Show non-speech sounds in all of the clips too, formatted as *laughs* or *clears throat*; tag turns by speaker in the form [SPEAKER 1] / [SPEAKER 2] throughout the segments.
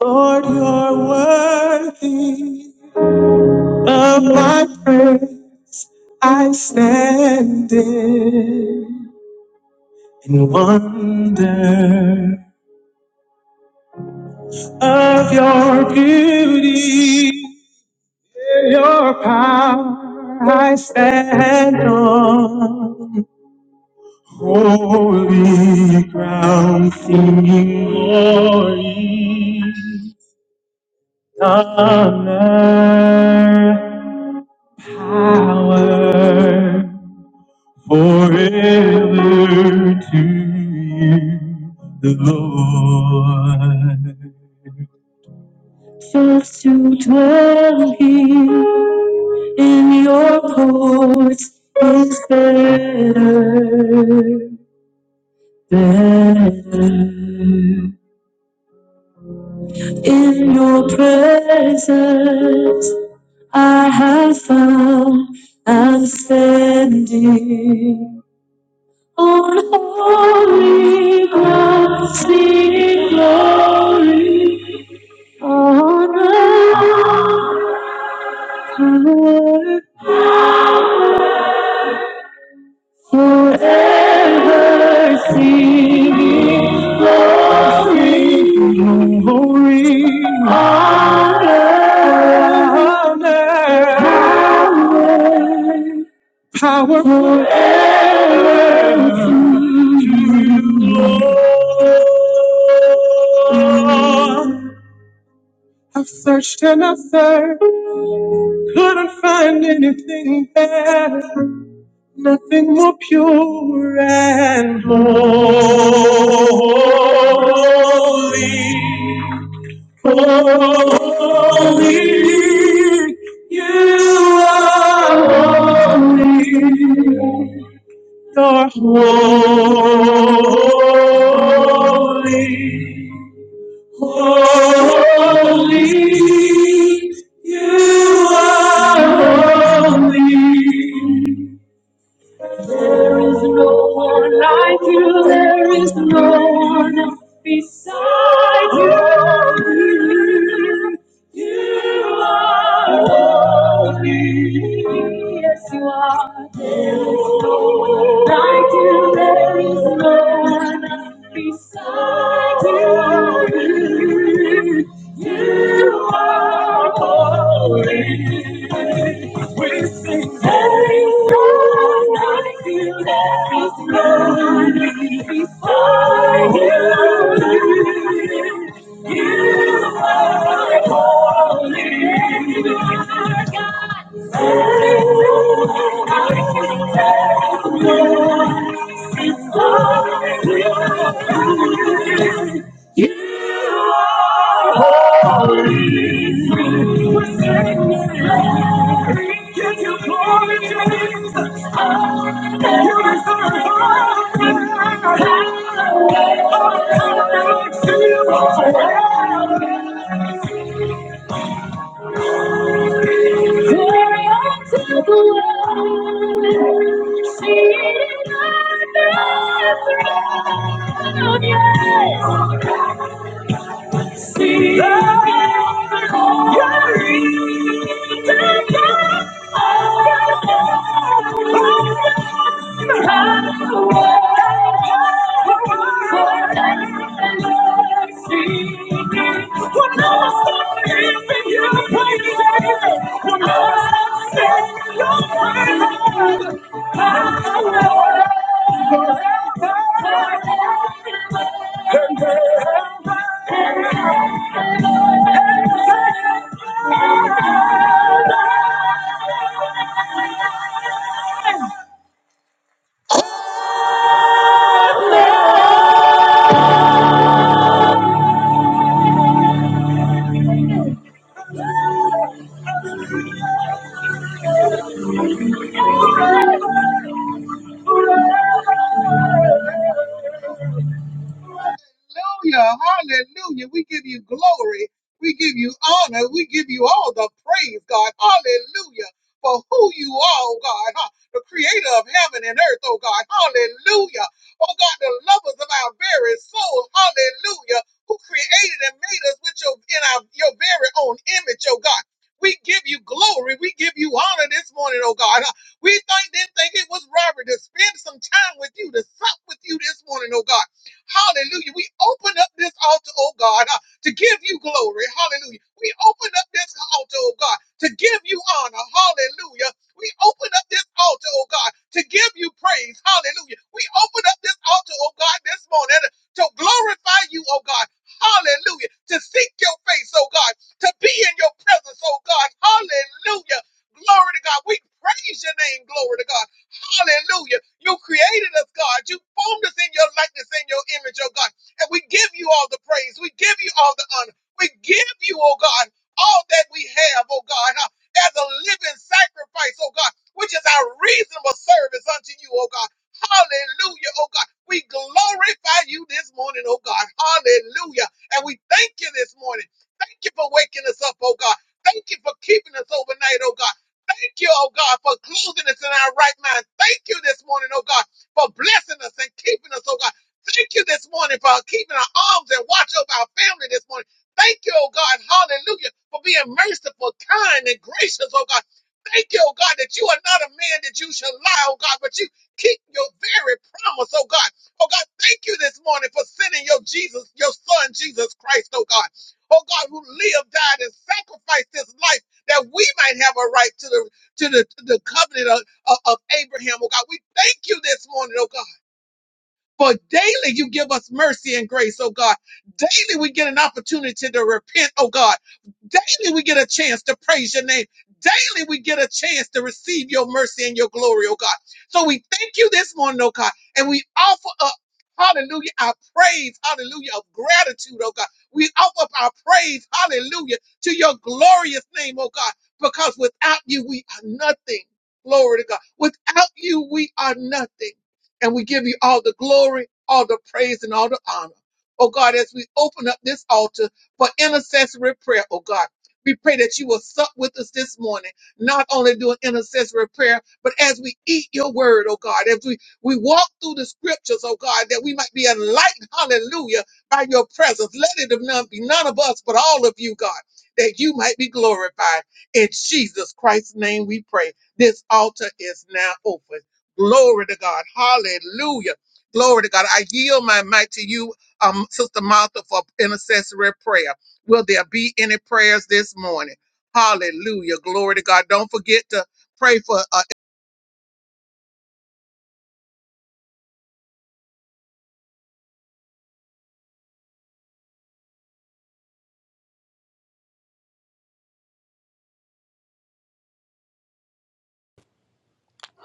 [SPEAKER 1] Lord, you're worthy of my praise. I stand in in wonder of your beauty, your power. I stand on holy ground, singing glory. honor, power forever to you, the Lord. First to dwell here in your courts is better, better. In your presence, I have found I'm standing on holy ground, seeing glory, honor, power. Forever singing, glory, glory, honor, honor, power, forever to You, Lord. I've searched and I've searched. Couldn't find anything better, nothing more pure and holy. Holy, you are holy. You're holy. Holy, you are holy. There is no one like you. There is no one beside you. You are holy. Yes, you are. There is no one Like you, there is no one beside you. You are holy. Thank you. See, you're in the dark. Thank you.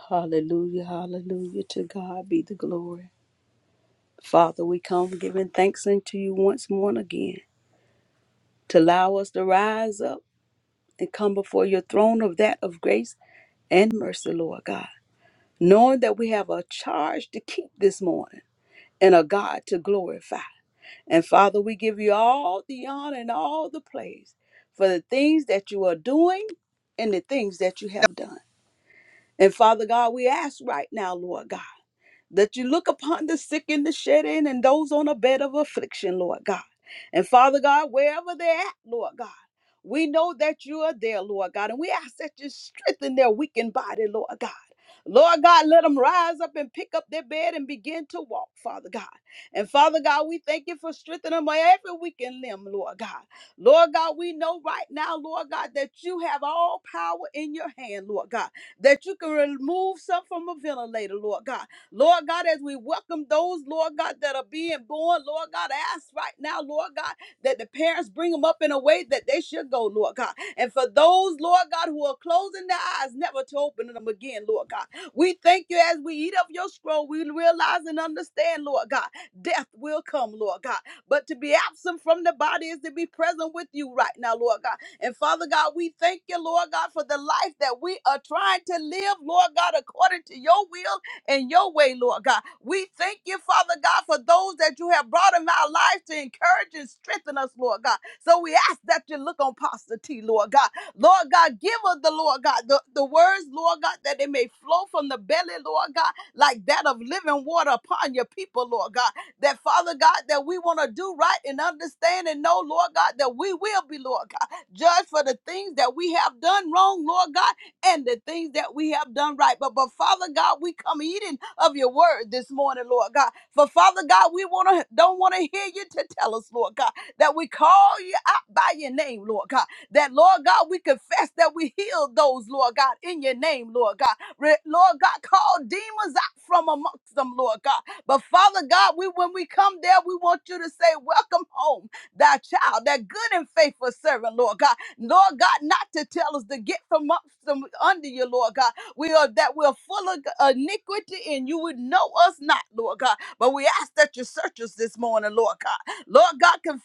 [SPEAKER 2] Hallelujah, hallelujah. To God be the glory. Father, we come giving thanks unto you once more and again to allow us to rise up and come before your throne of that of grace and mercy, Lord God, knowing that we have a charge to keep this morning and a God to glorify. And Father, we give you all the honor and all the praise for the things that you are doing and the things that you have done. And Father God, we ask right now, Lord God. that you look upon the sick and the shed in and those on a bed of affliction, Lord God. And Father God, wherever they're at, Lord God, we know that you are there, Lord God, and we ask that you strengthen their weakened body, Lord God. Lord God, let them rise up and pick up their bed and begin to walk, Father God. And Father God, we thank you for strengthening them on every weakened limb, Lord God. Lord God, we know right now, Lord God, that you have all power in your hand, Lord God, that you can remove some from a ventilator, Lord God Lord God, as we welcome those, Lord God, that are being born, Lord God, I ask right now, Lord God, that the parents bring them up in a way that they should go, Lord God. And for those, Lord God, who are closing their eyes, never to open them again, Lord God. We thank you as we eat of your scroll, we realize and understand, Lord God, death will come, Lord God. But to be absent from the body is to be present with you right now, Lord God. And Father God, we thank you, Lord God, for the life that we are trying to live, Lord God, according to your will in your way, Lord God. We thank you, Father God, for those that you have brought in our lives to encourage and strengthen us, Lord God. So we ask that you look on Pastor T, Lord God. Lord God, give us the Lord God, the, the words, Lord God, that they may flow from the belly, Lord God, like that of living water upon your people, Lord God. That Father God, that we want to do right and understand and know, Lord God, that we will be, Lord God, judged for the things that we have done wrong, Lord God and the things that we have done right. But, but Father God, we come eating of your word this morning, Lord God. For Father God, we wanna don't want to hear you to tell us, Lord God, that we call you out by your name, Lord God. That Lord God, we confess that we healed those, Lord God, in your name, Lord God. Re- Lord God, call demons out from amongst them, Lord God. But Father God, we when we come there, we want you to say, Welcome home, thy child, that good and faithful servant, Lord God. Lord God, not to tell us to get from up from under you, Lord God. We are that we're full of iniquity and you would know us not, Lord God. But we ask that you search us this morning, Lord God. Lord God, can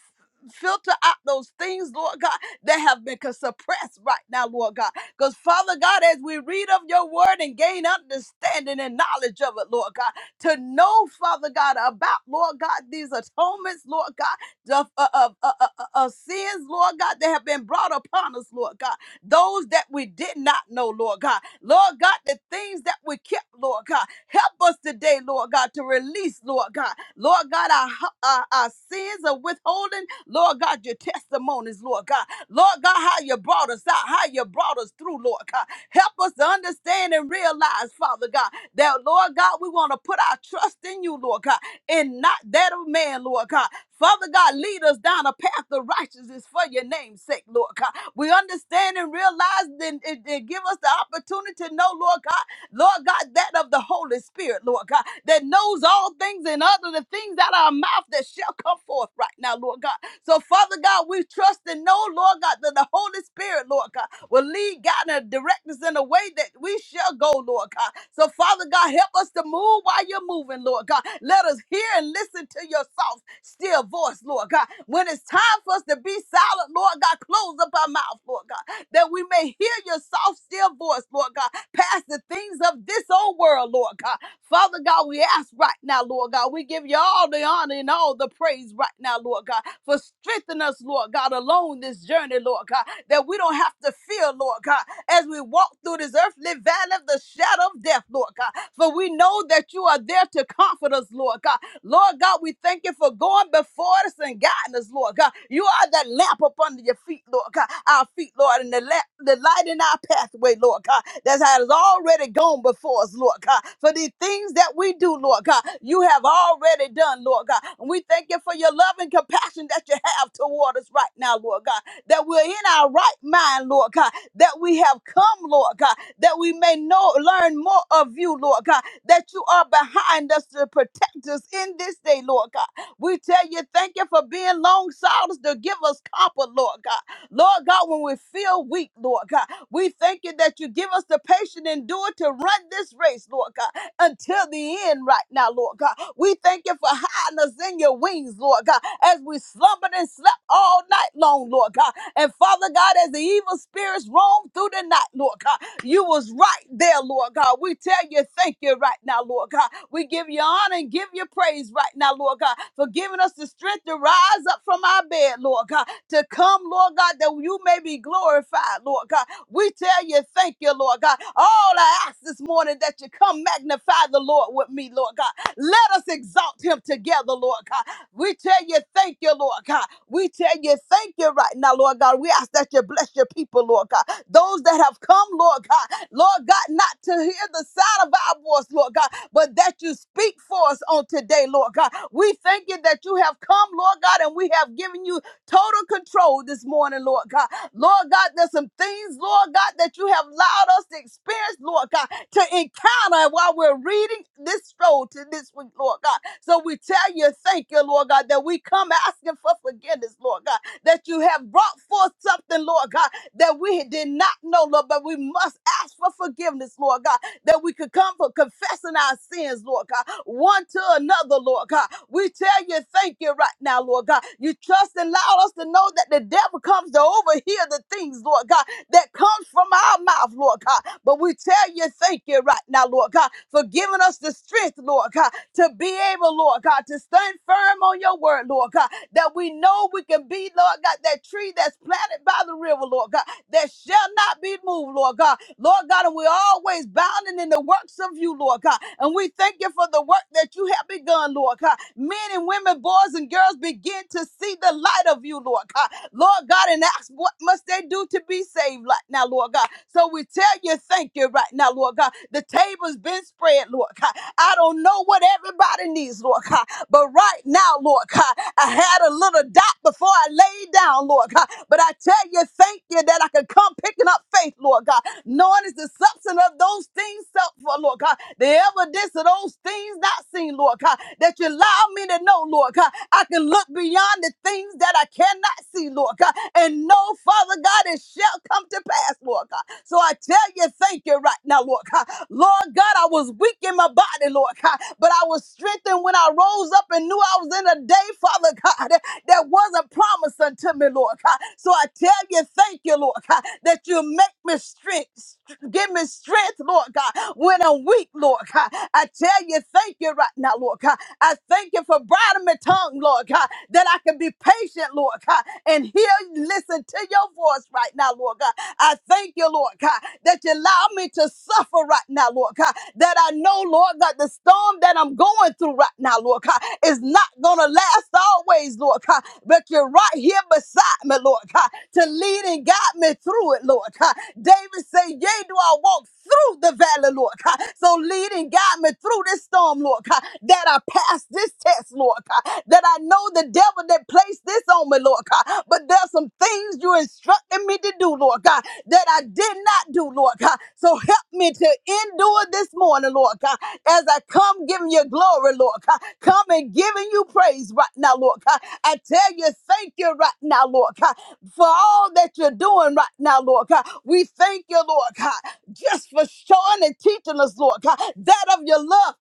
[SPEAKER 2] filter out those things, Lord God, that have been con- suppressed right now, Lord God. Because Father God, as we read of your word and gain understanding and knowledge of it, Lord God, to know, Father God, about, Lord God, these atonements, Lord God of, of, of, of- of sins, Lord God, that have been brought upon us, Lord God. Those that we did not know, Lord God. Lord God, the things that we kept, Lord God. Help us today, Lord God, to release, Lord God. Lord God, our, our, our sins of withholding, Lord God, your testimonies, Lord God. Lord God, how you brought us out, how you brought us through, Lord God. Help us to understand and realize, Father God, that, Lord God, we want to put our trust in you, Lord God, and not that of man, Lord God. Father God, lead us down a path of righteousness for your name's sake, Lord God. We understand and realize and, and, and give us the opportunity to know, Lord God. Lord God, that of the Holy Spirit, Lord God, that knows all things and other the things out of our mouth that shall come forth right now, Lord God. So, Father God, we trust and know, Lord God, that the Holy Spirit, Lord God, will lead, God, and direct us in a way that we shall go, Lord God. So, Father God, help us to move while you're moving, Lord God. Let us hear and listen to your soft, still voice, Lord God. When it's time for us to be silent, Lord God. Close up our mouth, Lord God, that we may hear your soft, still voice, Lord God, past the things of this old world, Lord God. Father God, we ask right now, Lord God, we give you all the honor and all the praise right now, Lord God, for strengthening us, Lord God, along this journey, Lord God, that we don't have to fear, Lord God, as we walk through this earthly valley of the shadow of death, Lord God. For we know that you are there to comfort us, Lord God. Lord God, we thank you for going before us and guiding us, Lord God. You are that lamp up under your feet, Lord God. Our feet, Lord, and the, la- the light in our pathway, Lord God. That has already gone before us, Lord God. For the things that we do, Lord God, you have already done, Lord God. And we thank you for your love and compassion that you have toward us right now, Lord God that we're in our right mind, Lord God, that we have come, Lord God, that we may know, learn more of you, Lord God, that you are behind us to protect us in this day, Lord God. We tell you, thank you for being long silence to give us comfort, Lord God. Lord God, when we feel weak, Lord God, we thank you that you give us the patient endure to run this race, Lord God, until the end right now, Lord God. We thank you for hiding us in your wings, Lord God, as we slumbered and slept all night long, Lord God. And Father God, as the evil spirits roamed through the night, Lord God, you was was right there, Lord God. We tell you thank you right now, Lord God. We give you honor and give you praise right now, Lord God, for giving us the strength to rise up from our bed, Lord God, to come, Lord God, that you may be glorified, Lord God. We tell you thank you, Lord God. All I ask this morning that you come magnify the Lord with me, Lord God. Let us exalt him together, Lord God. We tell you thank you, Lord God. We tell you thank you right now, Lord God. We ask that you bless your people, Lord God. Those that have come, Lord God, Lord God, not to hear the sound of our voice, Lord God, but that you speak for us on today, Lord God. We thank you that you have come, Lord God, and we have given you Total control this morning, Lord God. Lord God, there's some things, Lord God, that you have allowed us to experience, Lord God, to encounter while we're reading this scroll to this week, Lord God. So we tell you, thank you, Lord God, that we come asking for forgiveness, Lord God, that you have brought forth something, Lord God, that we did not know, Lord, but we must ask for forgiveness, Lord God that we could come for confessing our sins, Lord God, one to another, Lord God. We tell you, thank you right now, Lord God. You trust and allow us to know that the devil comes to overhear the things, Lord God, that comes from our mouth, Lord God. But we tell you, thank you right now, Lord God, for giving us the strength, Lord God, to be able, Lord God, to stand firm on your word, Lord God, that we know we can be, Lord God, that tree that's planted by the river, Lord God, that shall not be moved, Lord God. Lord God, and we're always bounding in the works of you, Lord God. And we thank you for the work that you have begun, Lord God. Men and women, boys and girls begin to see the light of you, Lord God. Lord God, and ask what must they do to be saved right now, Lord God. So we tell you thank you right now, Lord God. The table's been spread, Lord God. I don't know what everybody needs, Lord God. But right now, Lord God, I had a little doubt before I laid down, Lord God. But I tell you, thank you that I can come picking up faith, Lord God, knowing it's the substance of those things up for, Lord God, the evidence of those things not seen, Lord God, that you allow me to know, Lord God. I can look beyond the things that I cannot see, Lord God, and know, Father God, it shall come to pass, Lord God. So I tell you, thank you right now, Lord God. Lord, Lord God, I was weak in my body, Lord God, but I was strengthened when I rose up and knew I was in a day, Father God, that that wasn't promised unto me, Lord God. So I tell you, thank you, Lord God, that you make me strength, give me strength, Lord God, when I'm weak, Lord God. I tell you, thank you right now, Lord God. I thank you for bridling my tongue, Lord God, that I can be patient, Lord God, and hear, listen to your voice right now now, Lord God. I thank you, Lord God, that you allow me to suffer right now, Lord God. That I know, Lord God, the storm that I'm going through right now, Lord God, is not going to last always, Lord God. But you're right here beside me, Lord God, to lead and guide me through it, Lord God. David said, Yea, do I walk through the valley, Lord God. So lead and guide me through this storm, Lord God, that I pass this test, Lord God, that I know the devil that placed this on me, Lord God. But there's some things you instructed me to do, Lord God, that I did not do, Lord God. So help me to endure this morning, Lord God, as I come giving you glory, Lord God. Come and giving you praise right now, Lord God. I tell you, thank you right now, Lord God, for all that you're doing right now, Lord God. We thank you, Lord God, just for showing and teaching us, Lord God, that of your love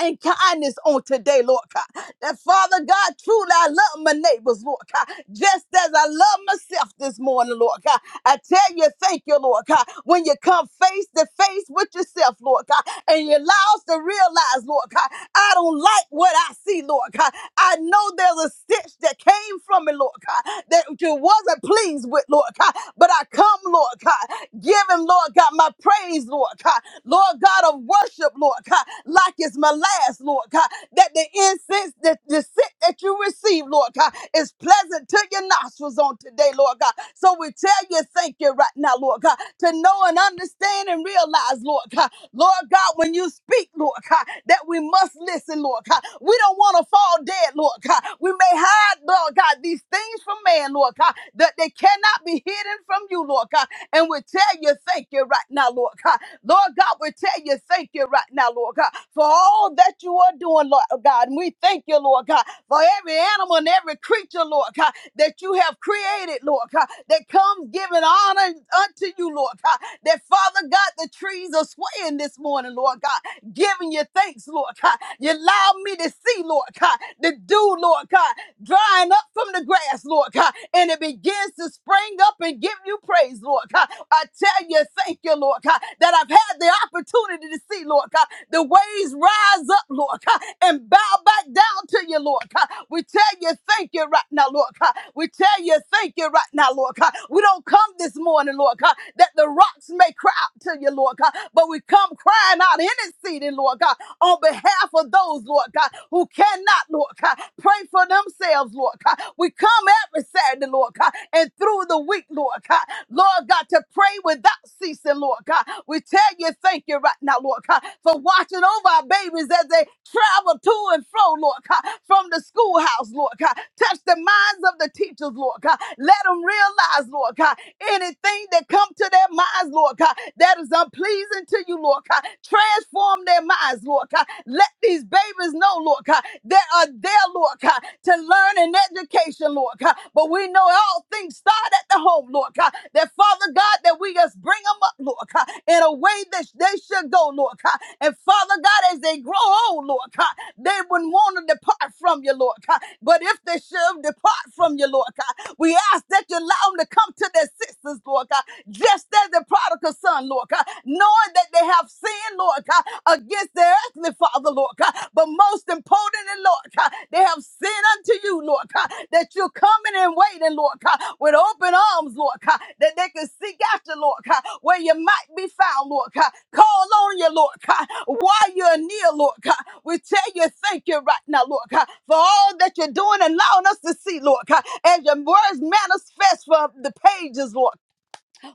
[SPEAKER 2] and kindness on today, Lord God. That Father God, truly I love my neighbors, Lord God, just as I love myself this morning, Lord God. I tell you, thank you, Lord God, when you come face to face with yourself, Lord God, and you allow us to realize, Lord God, I don't like what I see, Lord God. I know there's a stitch that came from it, Lord God, that you wasn't pleased with, Lord God, but I come, Lord God, give him, Lord God, my praise, Lord God. God. Lord God of worship, Lord God, like it's my last, Lord God, that the incense, that the scent that you receive, Lord God, is pleasant to your nostrils on today, Lord God. So we tell you thank you right now, Lord God, to know and understand and realize, Lord God, Lord God, when you speak, Lord God, that we must listen, Lord God. We don't want to fall dead, Lord God. We may hide, Lord God, these things from man, Lord God, that they cannot be hidden from you, Lord God. God. And we tell you thank you right now, Lord God. Lord God, we tell you thank you right now, Lord God, for all that you are doing, Lord God. And we thank you, Lord God, for every animal and every creature, Lord God, that you have created, Lord God, that comes giving honor unto you, Lord God. That Father God, the trees are swaying this morning, Lord God, giving you thanks, Lord God. You allow me to see, Lord God, the dew, Lord God, drying up from the grass, Lord God. God, and it begins to spring up and give you praise, Lord God. I tell you, thank you, Lord God, that I've had the opportunity to see, Lord God, the waves rise up, Lord God, and bow back down to you, Lord God. We tell you, thank you right now, Lord God. We tell you, thank you right now, Lord God. We don't come this morning, Lord God, that the rocks may cry out to you, Lord God, but we come crying out, interceding, Lord God, on behalf of those, Lord God, who cannot, Lord God. God, pray for themselves, Lord God. We come every Saturday, Lord God, and through the week, Lord God. Lord God, to pray without ceasing, Lord God. We tell you thank you right now, Lord God, for watching over our babies as they travel to and fro, Lord God, from the schoolhouse, Lord God. Touch the minds of the teachers, Lord God. Let them realize, Lord God, anything that come to their minds, Lord God, that is unpleasing to you, Lord God. Transform their minds, Lord Lord God. Let these babies know, Lord God, they are there, Lord God, to learn and education, Lord God. But we know all things start at the home, Lord God. That Father God, that we just bring them up, Lord God, in a way that they should go, Lord God. And Father God, as they grow old, Lord God, they wouldn't want to depart from you, Lord God. But if they should depart from you, Lord God, we ask that you allow them to come to their sisters, Lord God, just as the prodigal son, Lord God knowing that they have sinned, Lord God, against their earthly father, Lord God. But most importantly, Lord God, they have sinned unto you, Lord God, that you're coming and waiting, Lord God, with open arms, Lord God, that they can seek after, Lord God, where you might be found, Lord God. Call on you, Lord God, while you're near, Lord God. We tell you thank you right now, Lord God, for all that you're doing and allowing us to see, Lord God, as your words manifest from the pages, Lord.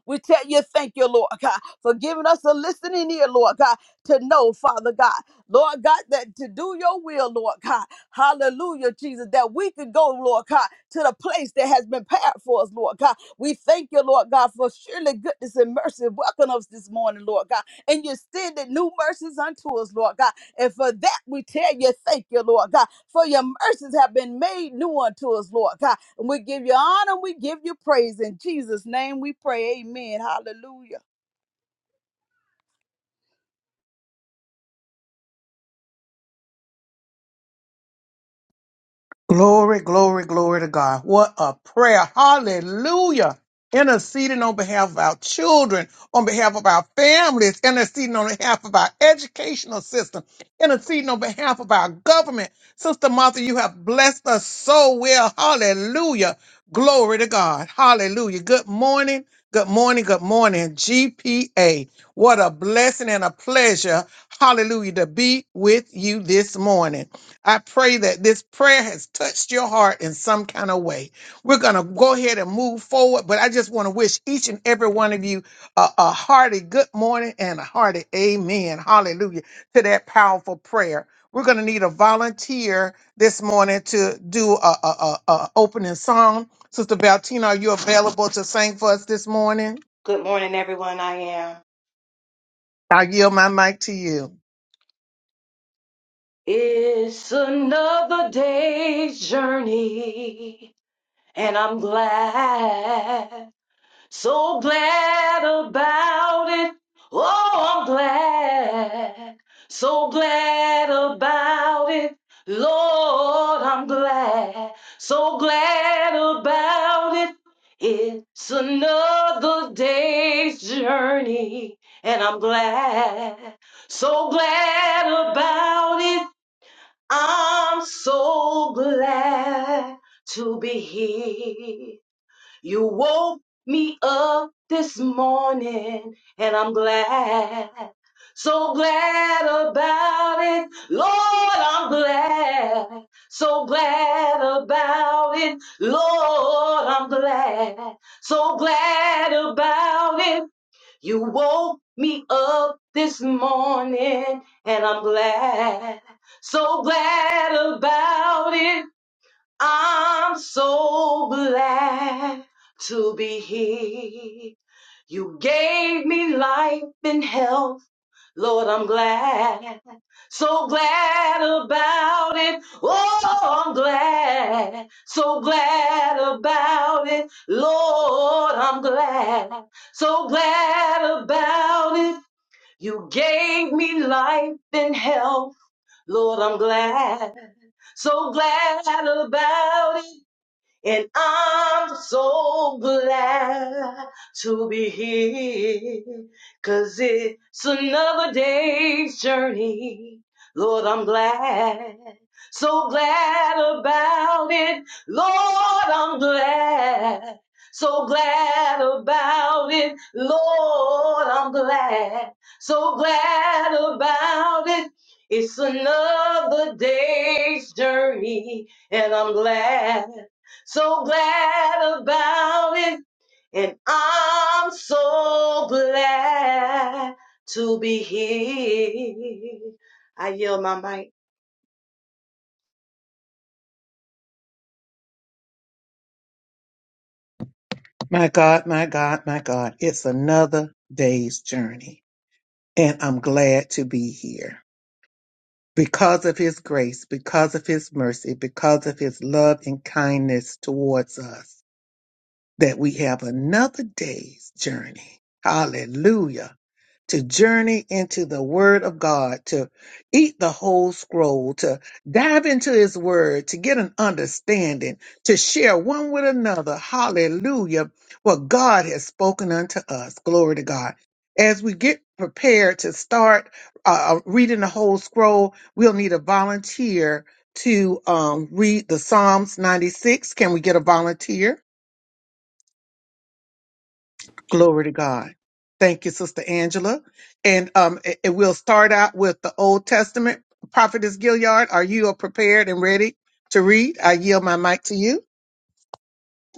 [SPEAKER 2] We tell you, thank you, Lord God, for giving us a listening ear, Lord God, to know, Father God, Lord God, that to do your will, Lord God. Hallelujah, Jesus, that we could go, Lord God, to the place that has been prepared for us, Lord God. We thank you, Lord God, for surely goodness and mercy welcome us this morning, Lord God. And you extended new mercies unto us, Lord God. And for that, we tell you, thank you, Lord God. For your mercies have been made new unto us, Lord God. And we give you honor, we give you praise. In Jesus' name we pray. Amen. Hallelujah.
[SPEAKER 3] Good morning, everyone. I am. It's another day's journey, and I'm glad. So glad about it. Oh, I'm glad. So glad about it. Lord, I'm glad. So glad about it. It's another day's journey, and I'm glad. So glad about it. I'm so glad to be here. You woke me up this morning, and I'm glad, so glad about it. Lord, I'm glad, so glad about it. Lord, I'm glad, so glad about it. You woke me up this morning, and I'm glad, so glad about it. I'm so glad to be here. You gave me life and health. Lord, I'm glad. So glad about it. Oh, I'm glad. So glad about it. Lord, I'm glad. So glad about it. You gave me life and health. Lord, I'm glad. So glad about it. And I'm so glad to be here, 'cause it's another day's journey. Lord, I'm glad, so glad about it. Lord, I'm glad, so glad about it. Lord, I'm glad, so glad about it. It's another day's journey, and I'm glad so glad about it. And I'm so glad to be here. I yield my mic.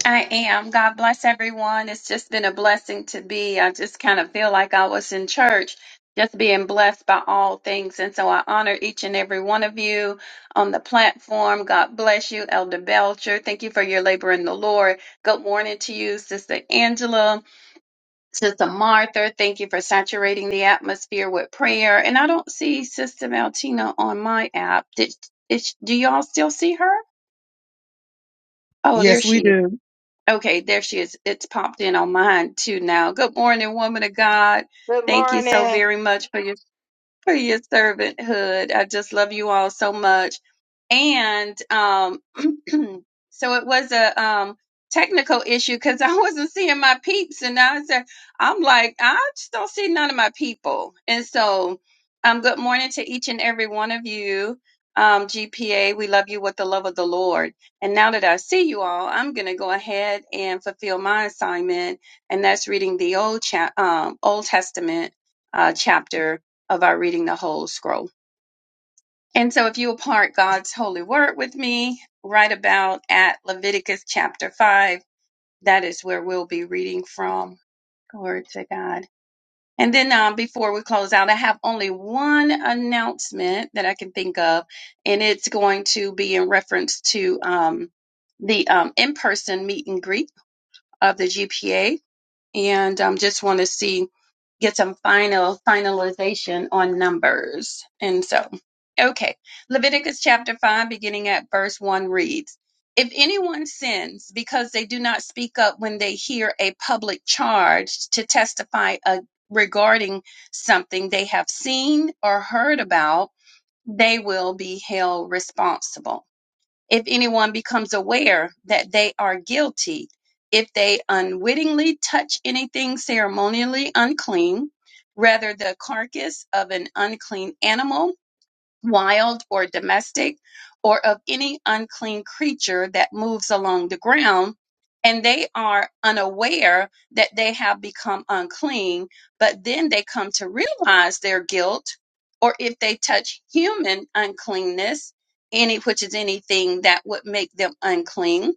[SPEAKER 4] I am. God bless everyone. It's just been a blessing to be. I just kind of feel like I was in church, just being blessed by all things. And so I honor each and every one of you on the platform. God bless you, Elder Belcher. Thank you for your labor in the Lord. Good morning to you, Sister Angela, Sister Martha. Thank you for saturating the atmosphere with prayer. And I don't see Sister Maltina on my app. Did, is, do y'all still see her? Oh, there she is. Okay, there she is. It's popped in on mine too now. Good morning, woman of God.
[SPEAKER 3] Good
[SPEAKER 4] Thank you so
[SPEAKER 3] morning.
[SPEAKER 4] very much for your for your servanthood. I just love you all so much and um *clears throat* so it was a um technical issue because I *laughs* wasn't seeing my peeps and I said I'm like I just don't see none of my people and so um good morning to each and every one of you um GPA we love you with the love of the Lord and now that I see you all I'm gonna go ahead and fulfill my assignment and that's reading the old cha- um Old Testament uh chapter of our reading the whole scroll and so, if you will part God's holy word with me, right about at Leviticus chapter 5, that is where we'll be reading from. Glory to God. And then, um, before we close out, I have only one announcement that I can think of, and it's going to be in reference to um, the um, in person meet and greet of the GPA. And um, just want to see, get some final finalization on numbers. And so, Okay. Leviticus chapter 5, beginning at verse 1 reads If anyone sins because they do not speak up when they hear a public charge to testify uh, regarding something they have seen or heard about, they will be held responsible. If anyone becomes aware that they are guilty, if they unwittingly touch anything ceremonially unclean, rather the carcass of an unclean animal, wild or domestic, or of any unclean creature that moves along the ground, and they are unaware that they have become unclean, but then they come to realize their guilt, or if they touch human uncleanness, any which is anything that would make them unclean,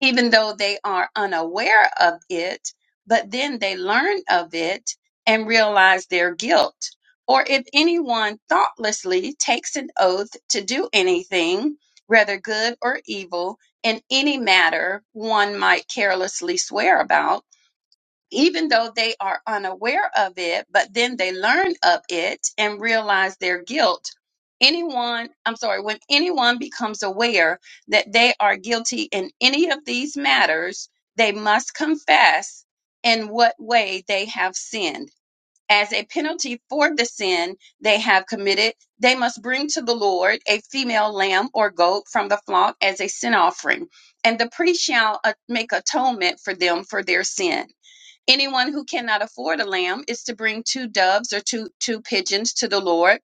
[SPEAKER 4] even though they are unaware of it, but then they learn of it and realize their guilt or if anyone thoughtlessly takes an oath to do anything, whether good or evil, in any matter one might carelessly swear about, even though they are unaware of it, but then they learn of it and realize their guilt. Anyone, I'm sorry, when anyone becomes aware that they are guilty in any of these matters, they must confess in what way they have sinned as a penalty for the sin they have committed, they must bring to the Lord a female lamb or goat from the flock as a sin offering, and the priest shall uh, make atonement for them for their sin. Anyone who cannot afford a lamb is to bring two doves or two, two pigeons to the Lord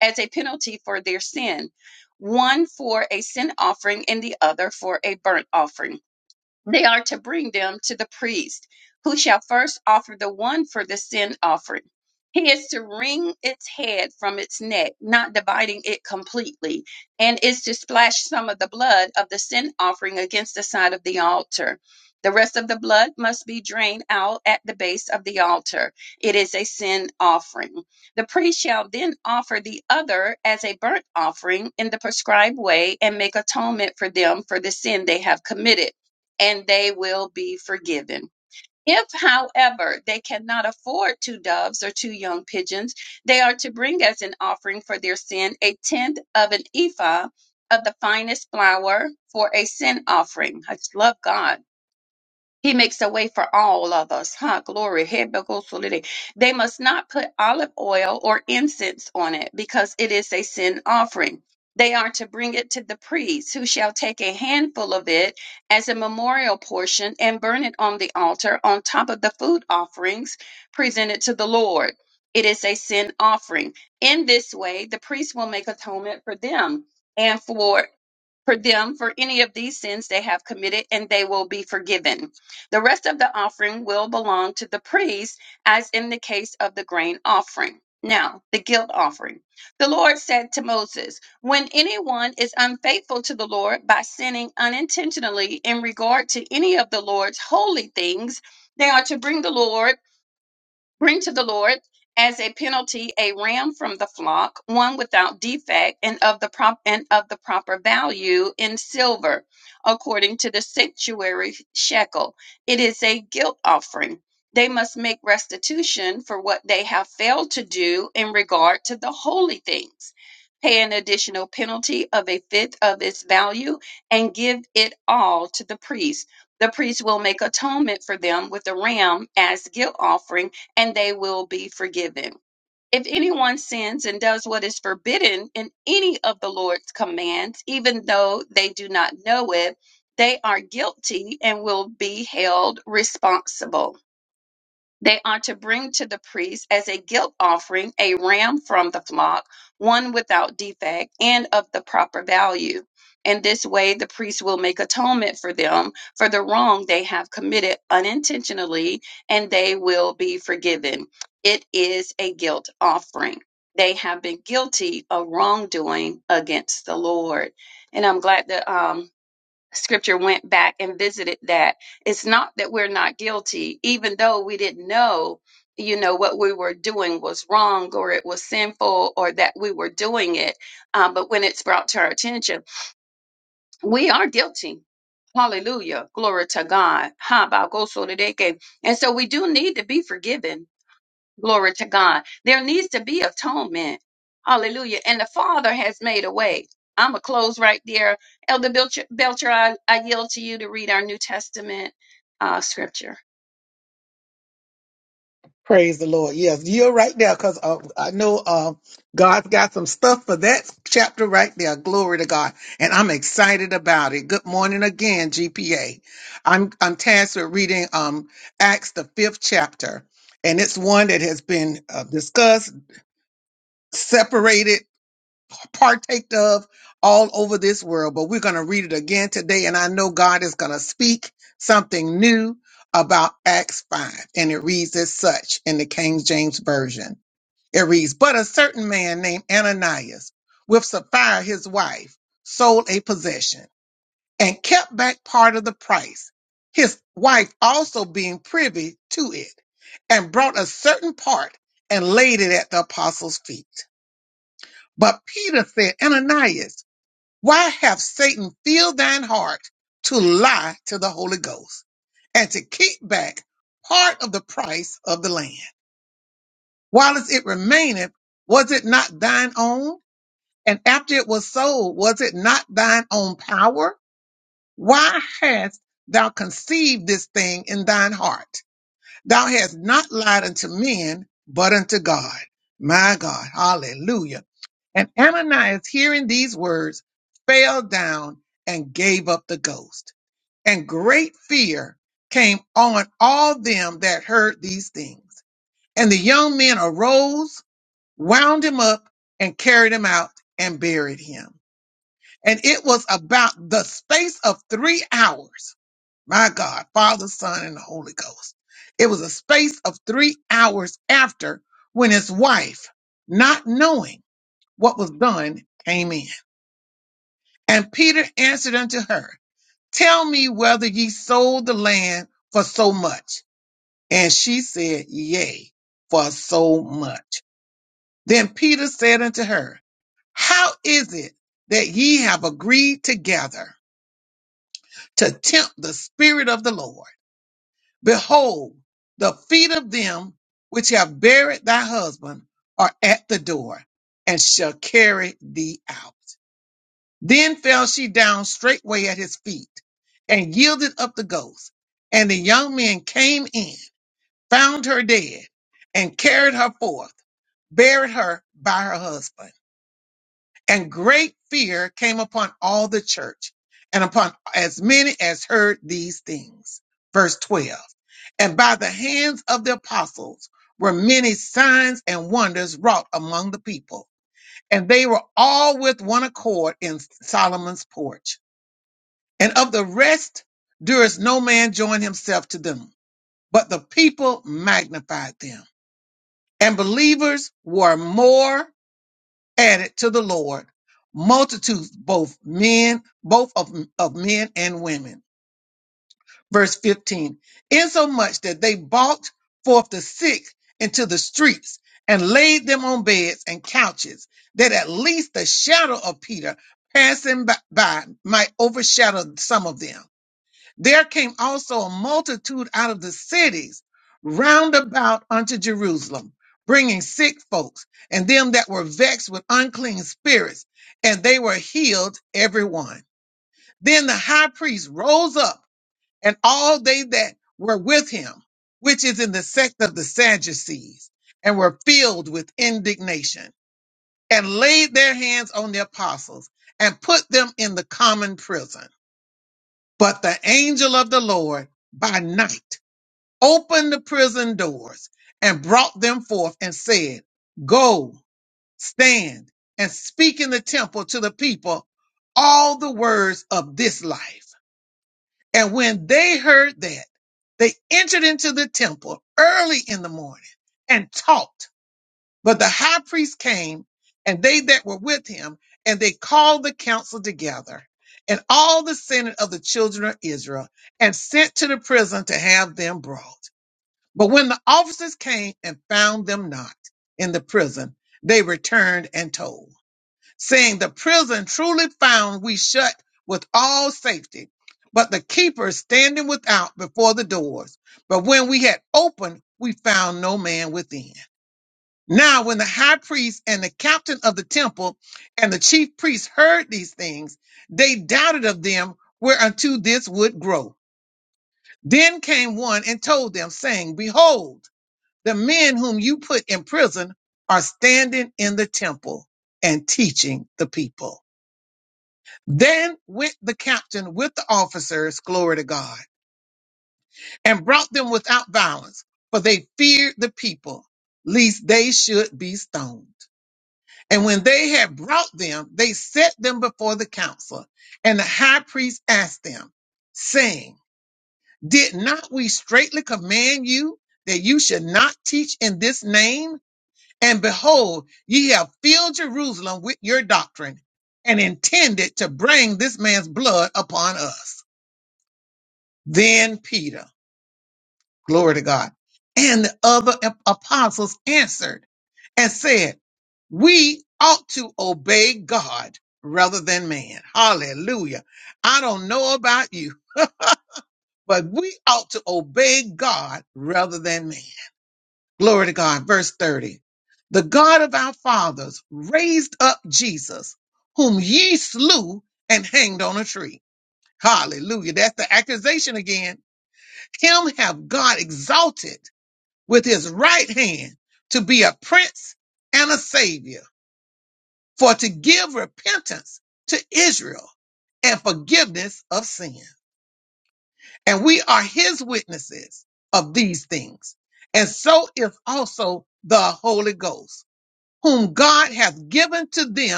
[SPEAKER 4] as a penalty for their sin, one for a sin offering and the other for a burnt offering they are to bring them to the priest, who shall first offer the one for the sin offering. He is to wring its head from its neck, not dividing it completely, and is to splash some of the blood of the sin offering against the side of the altar. The rest of the blood must be drained out at the base of the altar. It is a sin offering. The priest shall then offer the other as a burnt offering in the prescribed way and make atonement for them for the sin they have committed and they will be forgiven. If, however, they cannot afford two doves or two young pigeons, they are to bring as an offering for their sin a tenth of an ephah of the finest flour for a sin offering. I just love God he makes a way for all of us. Huh? Glory. Hebegosoliday. They must not put olive oil or incense on it because it is a sin offering. They are to bring it to the priest, who shall take a handful of it as a memorial portion and burn it on the altar on top of the food offerings presented to the Lord. It is a sin offering. In this way, the priest will make atonement for them and for for them for any of these sins they have committed, and they will be forgiven. The rest of the offering will belong to the priest, as in the case of the grain offering. Now, the guilt offering. The Lord said to Moses, When anyone is unfaithful to the Lord by sinning unintentionally in regard to any of the Lord's holy things, they are to bring the Lord Bring to the Lord as a penalty a ram from the flock, one without defect and of the prop and of the proper value in silver, according to the sanctuary shekel. It is a guilt offering. They must make restitution for what they have failed to do in regard to the holy things. Pay an additional penalty of a fifth of its value and give it all to the priest. The priest will make atonement for them with a ram as guilt offering and they will be forgiven. If anyone sins and does what is forbidden in any of the Lord's commands, even though they do not know it, they are guilty and will be held responsible. They are to bring to the priest as a guilt offering a ram from the flock, one without defect and of the proper value. In this way, the priest will make atonement for them for the wrong they have committed unintentionally, and they will be forgiven. It is a guilt offering. They have been guilty of wrongdoing against the Lord. And I'm glad that um, scripture went back and visited that it's not that we're not guilty even though we didn't know you know what we were doing was wrong or it was sinful or that we were doing it um, but when it's brought to our attention we are guilty hallelujah glory to god Ha, ba, go, so, da, de, ke. and so we do need to be forgiven Glory to God. There needs to be atonement. Hallelujah. And the Father has made a way. I'm going to close right there. Elder Belcher, Belcher I, I yield to you to read our New Testament uh, scripture.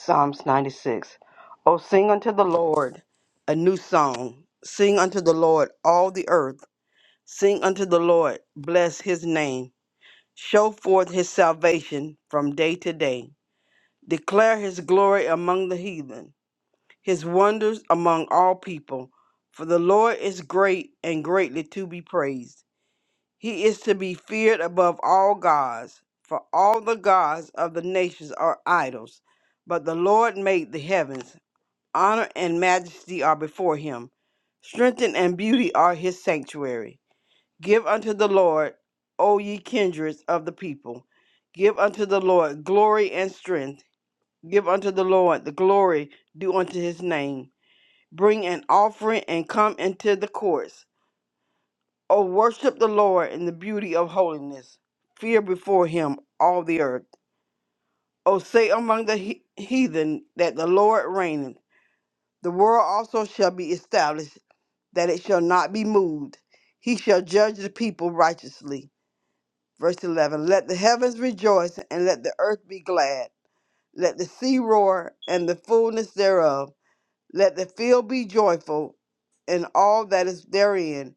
[SPEAKER 5] Psalms 96. Oh, sing unto the Lord a new song. Sing unto the Lord all the earth. Sing unto the Lord, bless his name. Show forth his salvation from day to day. Declare his glory among the heathen, his wonders among all people. For the Lord is great and greatly to be praised. He is to be feared above all gods, for all the gods of the nations are idols, but the Lord made the heavens. Honor and majesty are before him. Strength and beauty are his sanctuary. Give unto the Lord, O ye kindreds of the people. Give unto the Lord glory and strength. Give unto the Lord the glory due unto his name. Bring an offering and come into the courts. O worship the Lord in the beauty of holiness. Fear before him all the earth. O say among the he- heathen that the Lord reigneth. The world also shall be established that it shall not be moved. He shall judge the people righteously. Verse 11 Let the heavens rejoice and let the earth be glad. Let the sea roar and the fullness thereof. Let the field be joyful and all that is therein.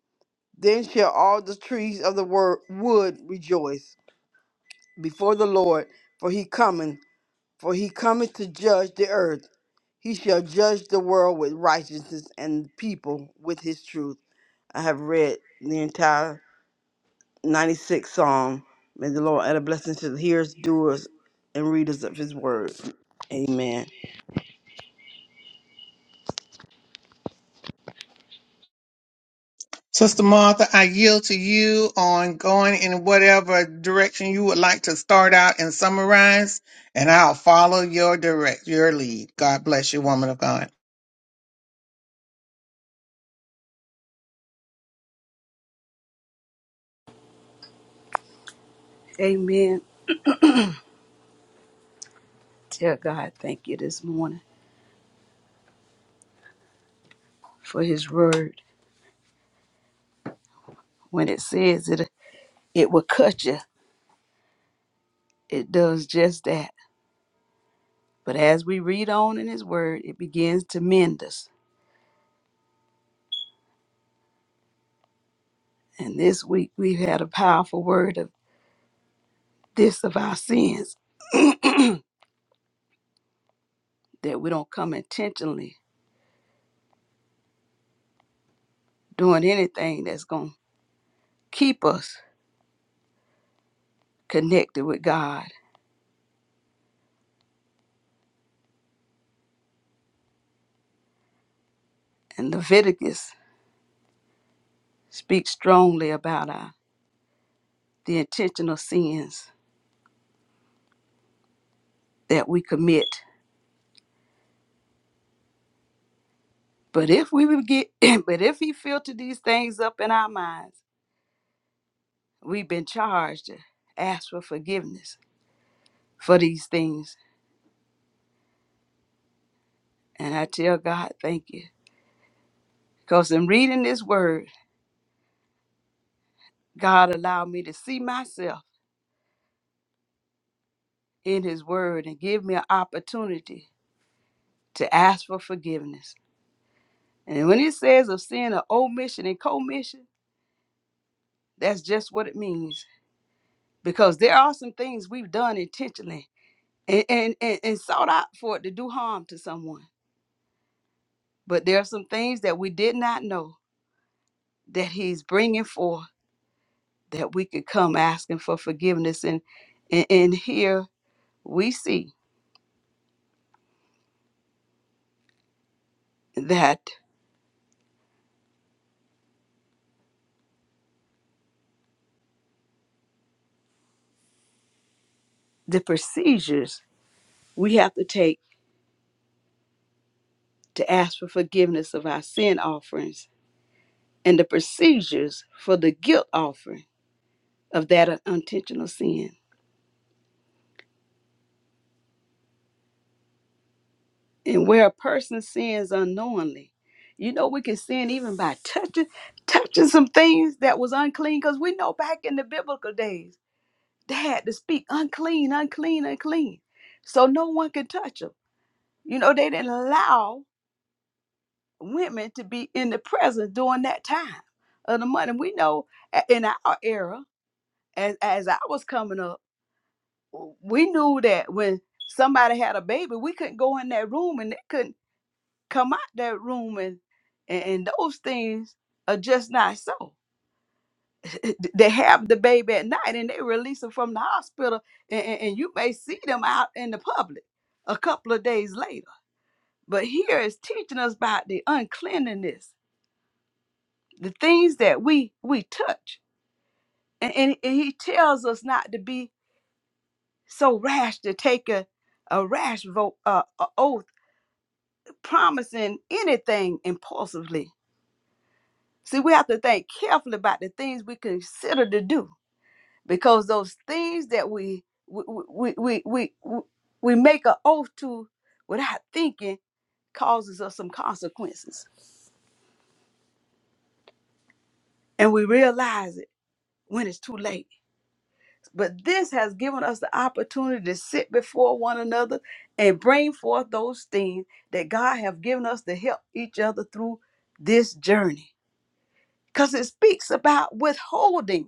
[SPEAKER 5] Then shall all the trees of the wor- wood rejoice before the Lord, for he cometh, for he cometh to judge the earth. He shall judge the world with righteousness and the people with his truth. I have read the entire 96th Psalm. May the Lord add a blessing to the hearers, doers, and readers of his word. Amen.
[SPEAKER 2] Amen. Tell God thank you this morning for his word. When it says it it will cut you, it does just that. But as we read on in his word, it begins to mend us. And this week we've had a powerful word of this of our sins *clears throat* that we don't come intentionally. doing anything that's going to keep us connected with God. And Leviticus speaks strongly about our, the intentional sins that we commit. But if we would get, *clears throat* but if He filtered these things up in our minds, we've been charged to ask for forgiveness for these things. And I tell God, thank you. Because in reading this word, God allowed me to see myself in His word and give me an opportunity to ask for forgiveness. And when it says of sin of omission and commission, that's just what it means. Because there are some things we've done intentionally and, and, and, and sought out for it to do harm to someone. But there are some things that we did not know that he's bringing forth that we could come asking for forgiveness. And, and, and here we see that the procedures we have to take to ask for forgiveness of our sin offerings and the procedures for the guilt offering of that unintentional sin. And where a person sins unknowingly, you know, we can sin even by touching touching some things that was unclean because we know back in the biblical days, they had to speak unclean, unclean, unclean. So no one could touch them. You know, they didn't allow women to be in the presence during that time of the month. And we know a- in our era, as, as I was coming up, we knew that when somebody had a baby, we couldn't go in that room and they couldn't. come out that room and and, and those things are just not so. *laughs* they have the baby at night and they release them from the hospital and, and, and you may see them out in the public a couple of days later. But here is teaching us about the uncleanliness, the things that we we touch. And, and, and he tells us not to be so rash to take a, a rash vote, uh, a oath, promising anything impulsively See, we have to think carefully about the things we consider to do because those things that we we we we we, we we make an oath to without thinking causes us some consequences, and we realize it when it's too late. But this has given us the opportunity to sit before one another and bring forth those things that God have given us to help each other through this journey. Because it speaks about withholding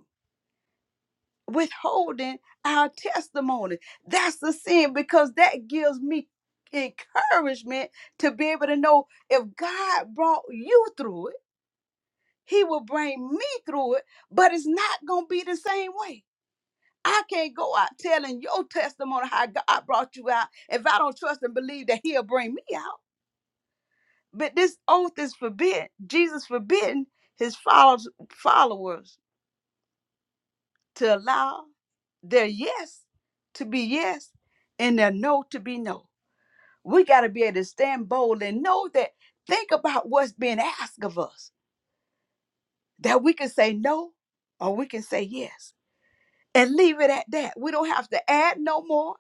[SPEAKER 2] withholding our testimony. That's the sin because that gives me encouragement to be able to know if God brought you through it, He will bring me through it, but it's not going to be the same way. I can't go out telling your testimony how God brought you out if I don't trust and believe that He'll bring me out. But this oath is forbidden. Jesus forbidden His follows- followers to allow their yes to be yes and their no to be no. We got to be able to stand bold and know that, think about what's being asked of us, that we can say no or we can say yes and leave it at that. We don't have to add no more.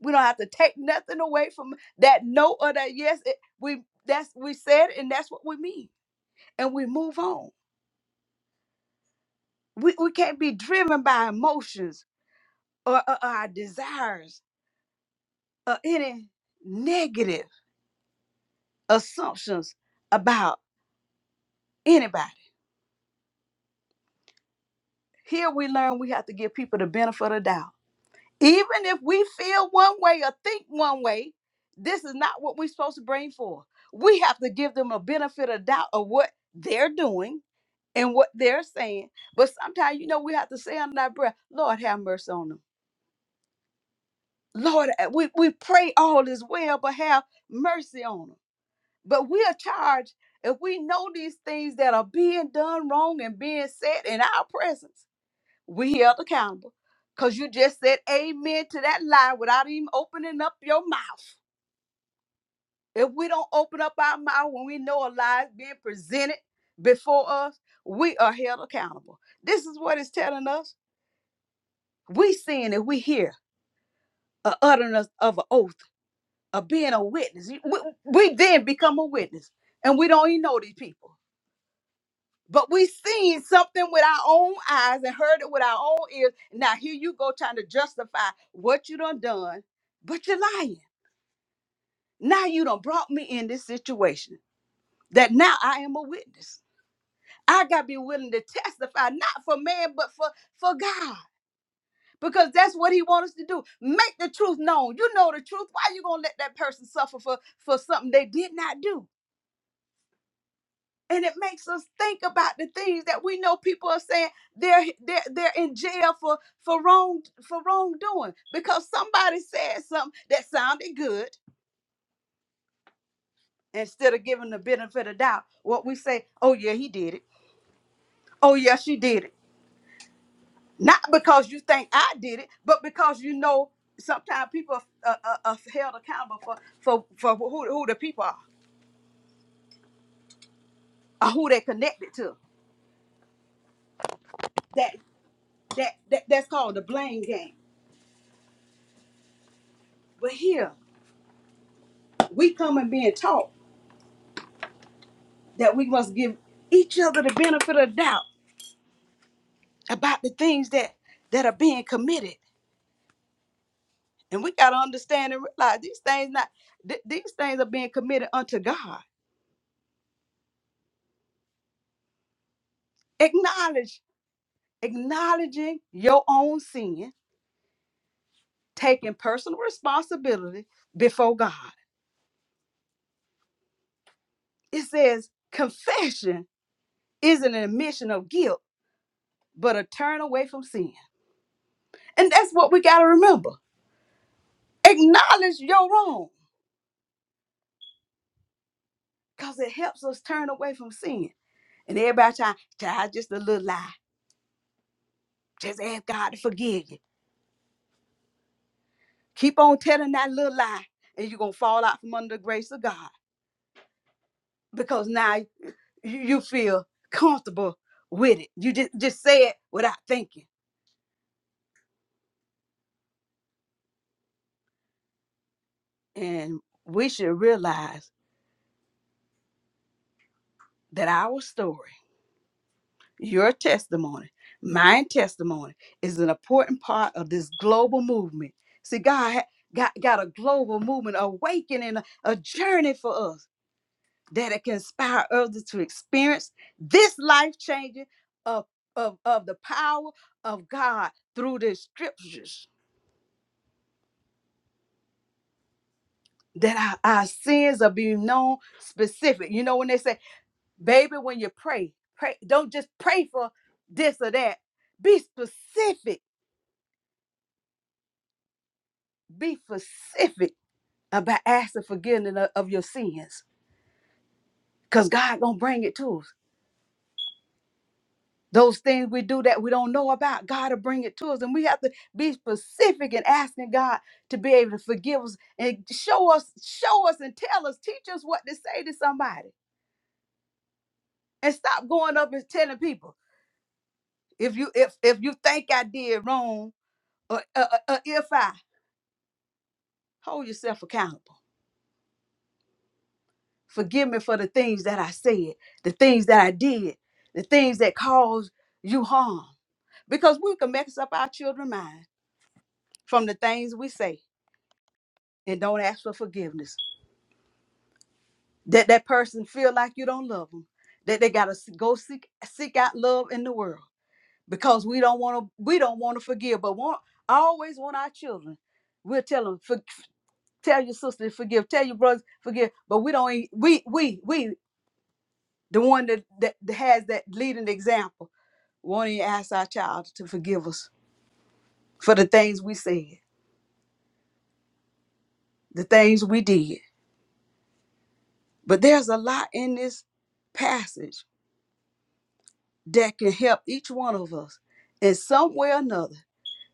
[SPEAKER 2] We don't have to take nothing away from that no or that yes. It- we that's we said it and that's what we mean. And we move on. We, we can't be driven by emotions or, or our desires or any negative assumptions about anybody. Here we learn we have to give people the benefit of the doubt. Even if we feel one way or think one way, this is not what we're supposed to bring forth. We have to give them a benefit of doubt of what they're doing and what they're saying. But sometimes, you know, we have to say under our breath, Lord, have mercy on them. Lord, uh, we, we pray all is well, but have mercy on them. But we are charged if we know these things that are being done wrong and being said in our presence We held accountable because you just said amen to that lie without even opening up your mouth. If we don't open up our mouth when we know a lie is being presented before us, we are held accountable. This is what it's telling us. We sin if we hear a utterance of an oath, of being a witness. We, we then become a witness, and we don't even know these people. But we seen something with our own eyes and heard it with our own ears. Now here you go trying to justify what you done done, but you're lying. Now you done brought me in this situation that now I am a witness. I gotta be willing to testify, not for man, but for for God. Because that's what he wants us to do. Make the truth known. You know the truth. Why you gonna let that person suffer for, for something they did not do? and it makes us think about the things that we know people are saying they're they're, they're in jail for for wrong for wrongdoing because somebody said something that sounded good instead of giving the benefit of doubt what we say oh yeah he did it oh yeah she did it not because you think i did it but because you know sometimes people are, are, are held accountable for for for who, who the people are or who they're connected to that that, that that's called the blame game but here we come and being taught that we must give each other the benefit of doubt about the things that that are being committed and we got to understand and realize these things not th- these things are being committed unto god acknowledge acknowledging your own sin taking personal responsibility before god it says confession isn't an admission of guilt but a turn away from sin and that's what we got to remember acknowledge your wrong because it helps us turn away from sin And everybody trying, child, just a little lie. Just ask God to forgive you. Keep on telling that little lie, and you're gonna fall out from under the grace of God. Because now you you feel comfortable with it. You just, just say it without thinking. And we should realize that our story, your testimony, my testimony, is an important part of this global movement. See, God ha- got, got a global movement awakening, a a journey for us that it can inspire others to experience this life changing of, of, of the power of God through the scriptures. That our, our sins are being known specific. You know, when they say, baby, when you pray, pray, don't just pray for this or that. Be specific. Be specific about asking forgiveness of, of your sins. Because God gonna bring it to us. those things we do that we don't know about god will bring it to us and we have to be specific in asking god to be able to forgive us and show us show us and tell us teach us what to say to somebody and stop going up and telling people if you if if you think i did wrong or, uh, uh, uh, if i hold yourself accountable forgive me for the things that i said the things that i did the things that caused you harm because we can mess up our children's mind from the things we say and don't ask for forgiveness. That that person feel like you don't love them. That they gotta s- go seek seek out love in the world because we don't want to we don't want to forgive, but want I always want our children. We'll tell them for, tell your sister to forgive, tell your brothers forgive, but we don't e- we we we the one that that, that has that leading example won't even ask our child to forgive us for the things we said, the things we did. But there's a lot in this passage that can help each one of us in some way or another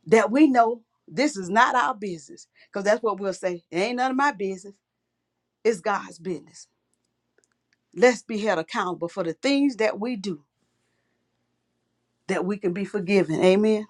[SPEAKER 2] that we know this is not our business. Because that's what we'll say. It ain't none of my business. It's God's business. Let's be held accountable for the things that we do that we can be forgiven. Amen.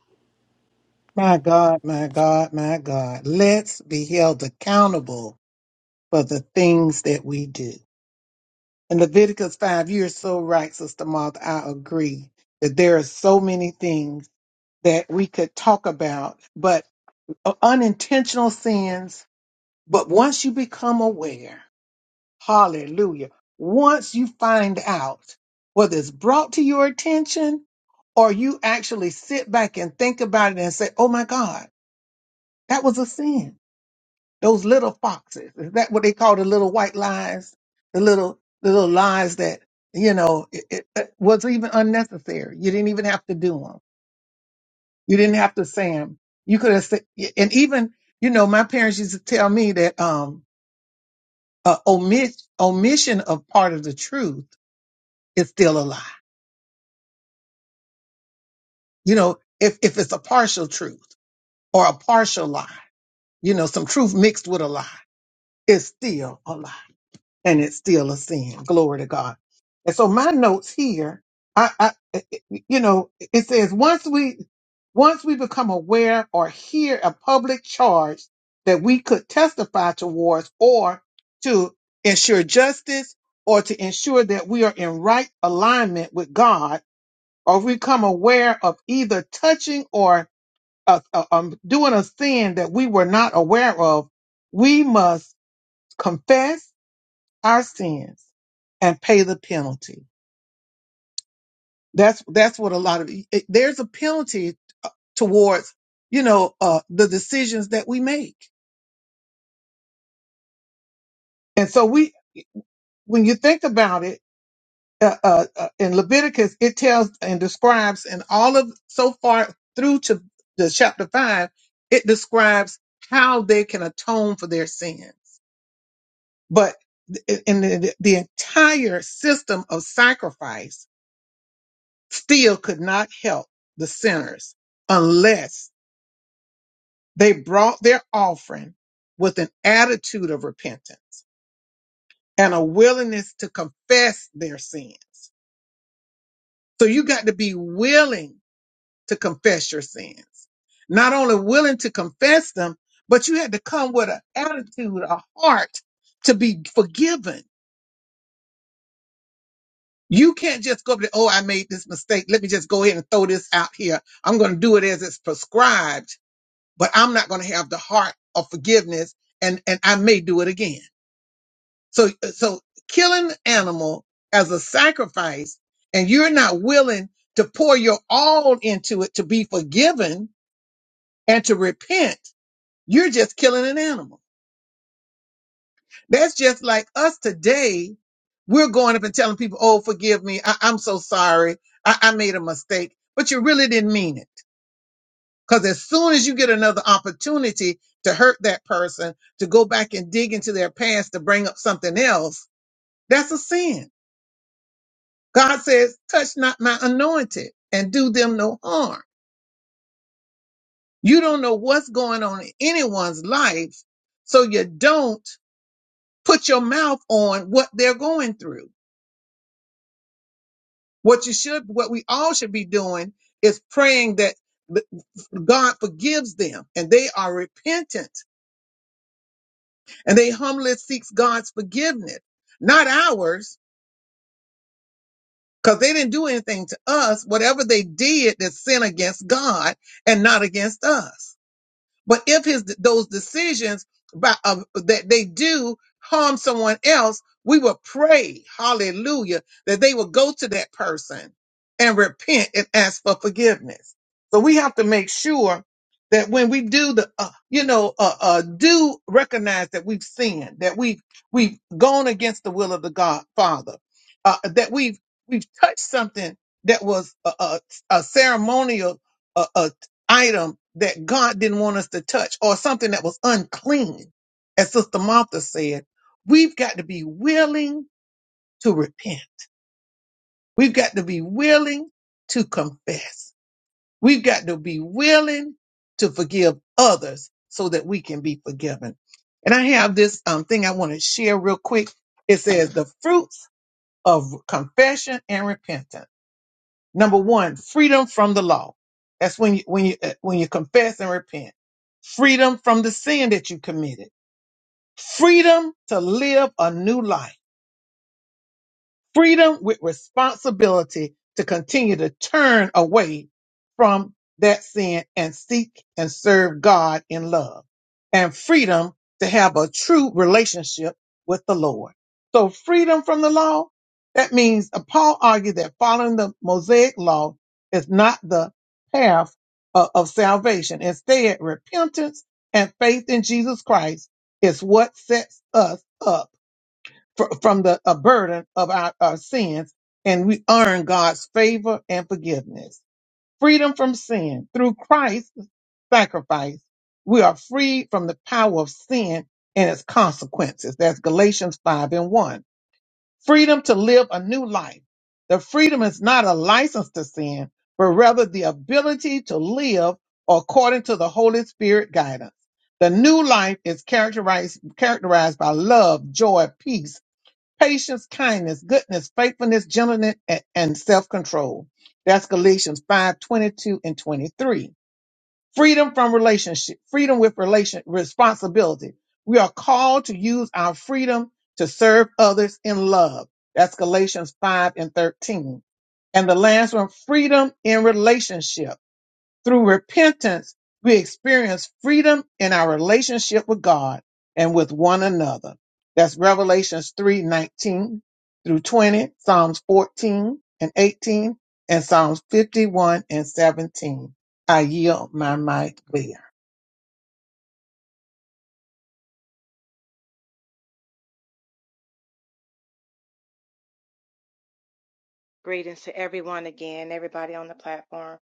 [SPEAKER 3] Greetings to everyone again, everybody on the platform.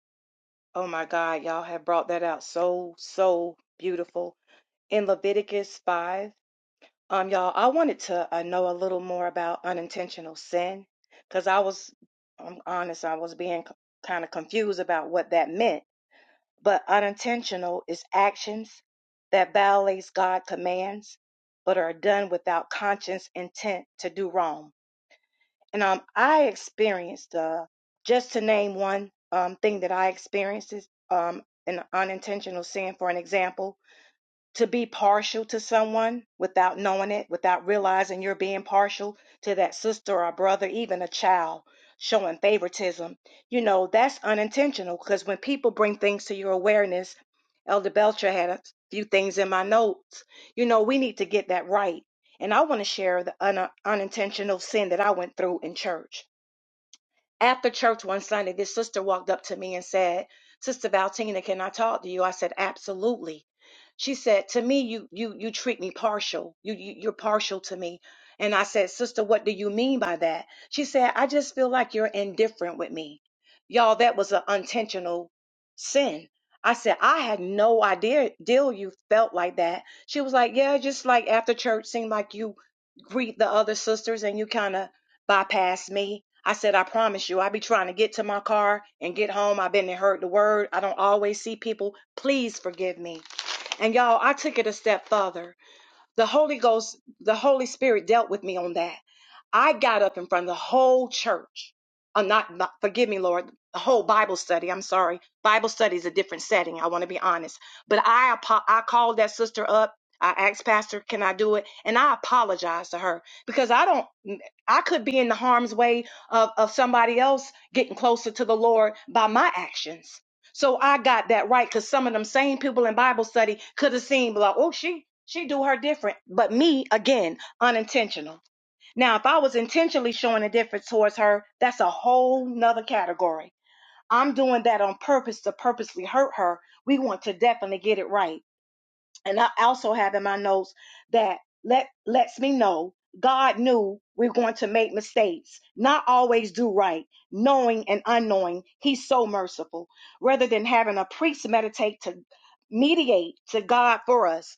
[SPEAKER 3] Oh my God, y'all have brought that out so, so beautiful. In Leviticus 5, um, y'all, I wanted to uh, know a little more about unintentional sin because I was, I'm honest, I was being kind of confused about what that meant but unintentional is actions that violates God's commands but are done without conscious intent to do wrong. And um, I experienced uh, just to name one um, thing that I experienced is um, an unintentional sin. For an example, to be partial to someone without knowing it, without realizing you're being partial to that sister or brother, even a child showing favoritism, you know, that's unintentional because when people bring things to your awareness, Elder Belcher had a few things in my notes. You know, we need to get that right. And I want to share the un- unintentional sin that I went through in church after church one Sunday, this sister walked up to me and said, Sister Valtina, can I talk to you? I said, Absolutely. She said, To me, you you you treat me partial. You, you you're partial to me. And I said, Sister, what do you mean by that? She said, I just feel like you're indifferent with me. Y'all, that was an intentional sin. I said, I had no idea deal you felt like that. She was like, Yeah, just like after church seemed like you greet the other sisters and you kind of bypassed me. I said, I promise you, I be trying to get to my car and get home. I've been and heard the word. I don't always see people. Please forgive me. And y'all, I took it a step further. The Holy Ghost, the Holy Spirit dealt with me on that. I got up in front of the whole church. I'm not, not- forgive me, Lord, the whole Bible study. I'm sorry. Bible study is a different setting. I want to be honest. But I, apo- I called that sister up. I asked Pastor, can I do it? And I apologized to her because I don't, I could be in the harm's way of, of somebody else getting closer to the Lord by my actions. So I got that right because some of them same people in Bible study could have seen like, oh, she she do her different, but me again unintentional. Now, if I was intentionally showing a difference towards her, that's a whole nother category. I'm doing that on purpose to purposely hurt her. We want to definitely get it right and I also have in my notes that let lets me know God knew we are going to make mistakes, not always do right, knowing and unknowing. He's so merciful. Rather than having a priest meditate to mediate to God for us,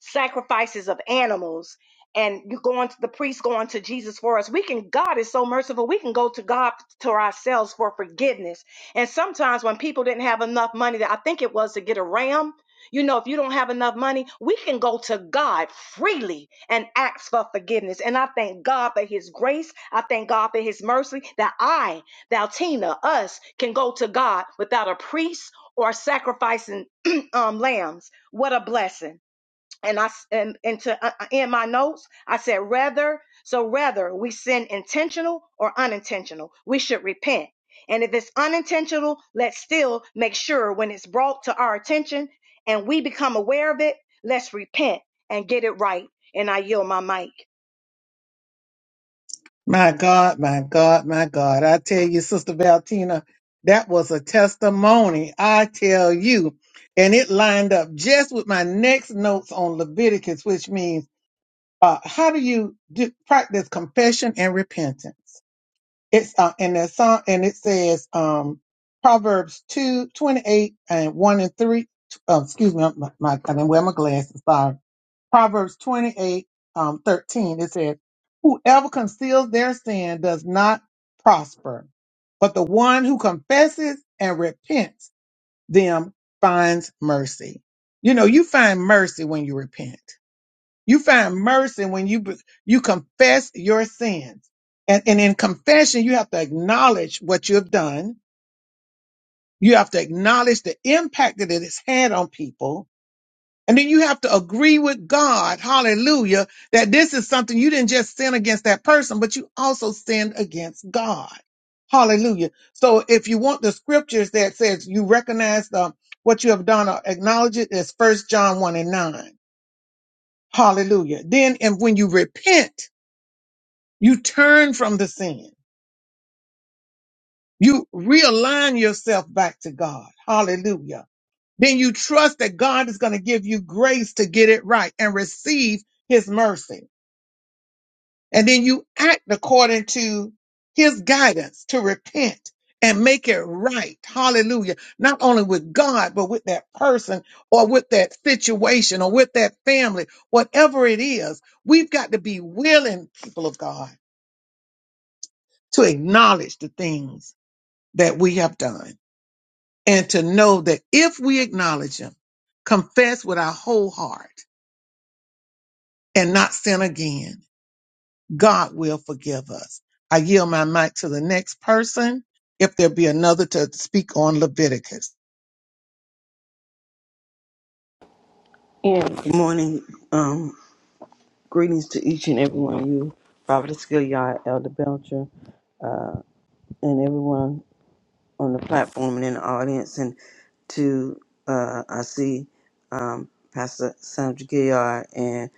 [SPEAKER 3] sacrifices of animals and you going to the priest going to Jesus for us. We can God is so merciful. We can go to God to ourselves for forgiveness. And sometimes when people didn't have enough money that I think it was to get a ram, you know, if you don't have enough money, we can go to God freely and ask for forgiveness. And I thank God for his grace. I thank God for his mercy that I, thou Tina, us can go to God without a priest or sacrificing *clears throat* um lambs. What a blessing and I, and, and to uh, uh, in my notes, I said rather. So rather we sin intentional or unintentional, we should repent. And if it's unintentional, let's still make sure when it's brought to our attention and we become aware of it, let's repent and get it right. And I yield my mic.
[SPEAKER 5] And Good morning. Um, greetings to each and every one of you, Robert Escaliard, Elder Belcher, and everyone on the platform and in the audience. And to, uh, I see um, Pastor Sandra Gilliard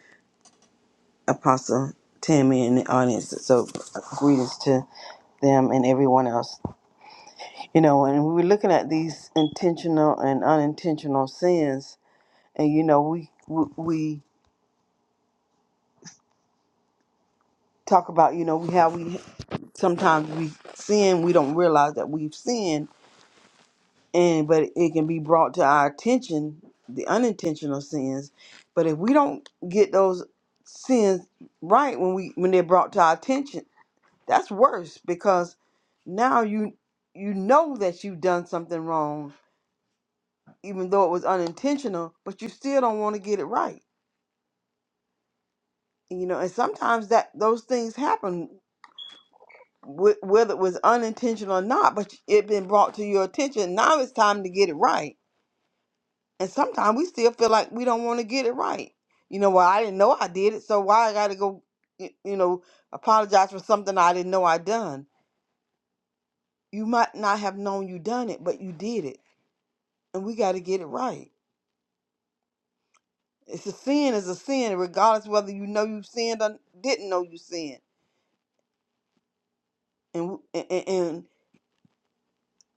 [SPEAKER 5] Apostle Tammy in the audience. So greetings to them and everyone else. You know, and we were looking at these intentional and unintentional sins, and you know, we we, we talk about you know we how we sometimes we sin, we don't realize that we've sinned, and but it can be brought to our attention the unintentional sins. But if we don't get those sins right when we when they're brought to our attention That's worse because now you you know that you've done something wrong, even though it was unintentional, but you still don't want to get it right. You know, and sometimes that those things happen wh- whether it was unintentional or not, but it been brought to your attention. Now it's time to get it right. And sometimes we still feel like we don't want to get it right. You know, well, I didn't know I did it, so why I got to go, y- you know, apologize for something I didn't know I done. You might not have known you done it, but you did it and we got to get it right. It's a sin, is a sin, regardless whether you know you sinned or didn't know you sinned. And and, and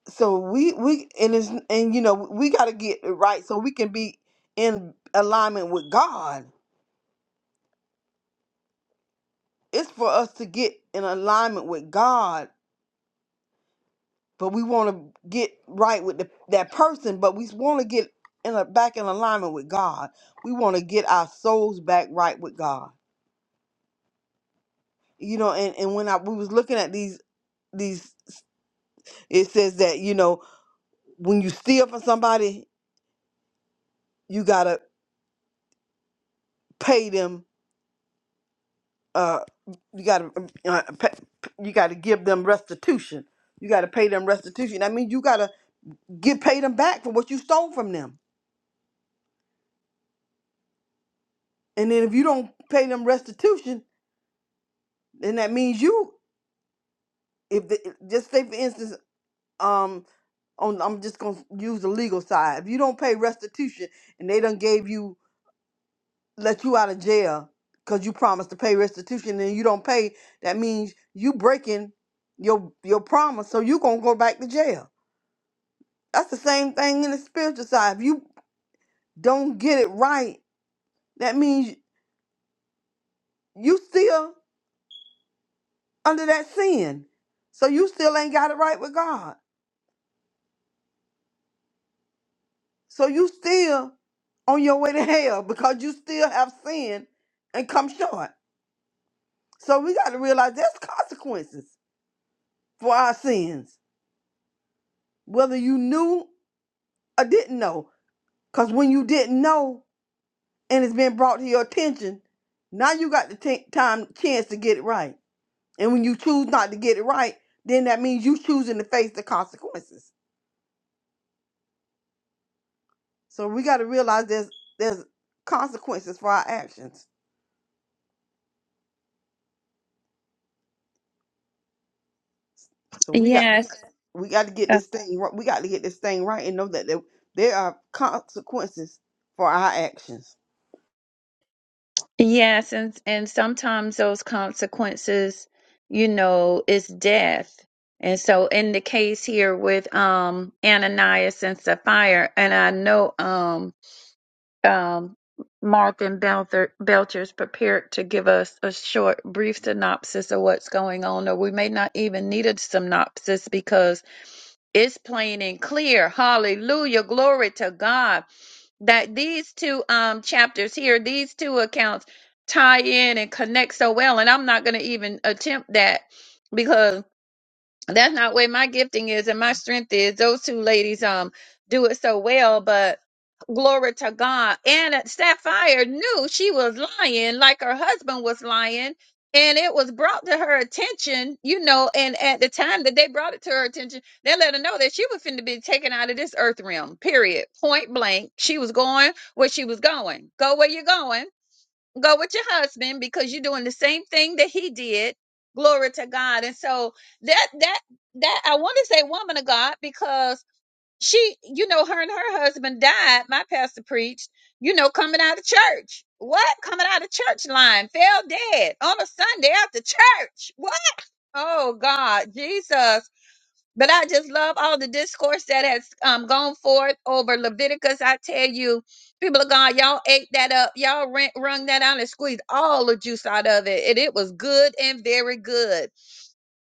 [SPEAKER 5] so we we and it's and you know we got to get it right so we can be in alignment with God. It's for us to get in alignment with God, but we want to get right with the, that person, but we want to get in a, back in alignment with God. We want to get our souls back right with God. You know, and, and when I we was looking at these these It says that, you know, when you steal from somebody, you got to pay them uh you got to uh, pa- you got to give them restitution. You got to pay them restitution. I mean, you got to get paid them back for what you stole from them. And then if you don't pay them restitution, then that means you if the, just say for instance um on I'm just going to use the legal side. If you don't pay restitution and they done gave you let you out of jail because you promised to pay restitution and you don't pay, that means you breaking your your promise. So you gonna go back to jail. That's the same thing in the spiritual side. If you don't get it right, that means you still under that sin. So you still ain't got it right with God. So you still on your way to hell because you still have sin and come short. So we got to realize there's consequences for our sins, whether you knew I didn't know. Because when you didn't know and it's been brought to your attention, now you got the t- time chance to get it right. And when you choose not to get it right, then that means you choosing to face the consequences. So we got to realize there's there's consequences for our actions. So we got we
[SPEAKER 4] Yes,
[SPEAKER 5] got, we got to get
[SPEAKER 4] uh,
[SPEAKER 5] this thing right. We got to get this thing right and know that there, there are consequences for our actions.
[SPEAKER 4] yes, and and sometimes those consequences, you know, is death. And so in the case here with um Ananias and Sapphira, and I know um um, Martin Belcher Belcher's prepared to give us a short, brief synopsis of what's going on, or we may not even need a synopsis because it's plain and clear. Hallelujah, glory to God that these two um chapters here, these two accounts tie in and connect so well. And I'm not going to even attempt that because that's not where my gifting is and my strength is. Those two ladies um do it so well, but glory to God. And Sapphire knew she was lying, like her husband was lying, and it was brought to her attention, you know. And at the time that they brought it to her attention, they let her know that she was finna be taken out of this earth realm. Period. Point blank. She was going where she was going. Go where you're going go with your husband because you're doing the same thing that he did glory to god and so that that that i want to say woman of god because she you know her and her husband died my pastor preached you know coming out of church what coming out of church line fell dead on a sunday after church what oh god jesus but I just love all the discourse that has um, gone forth over Leviticus. I tell you, people of God, y'all ate that up. Y'all ran, wrung that out and squeezed all the juice out of it. And it was good and very good.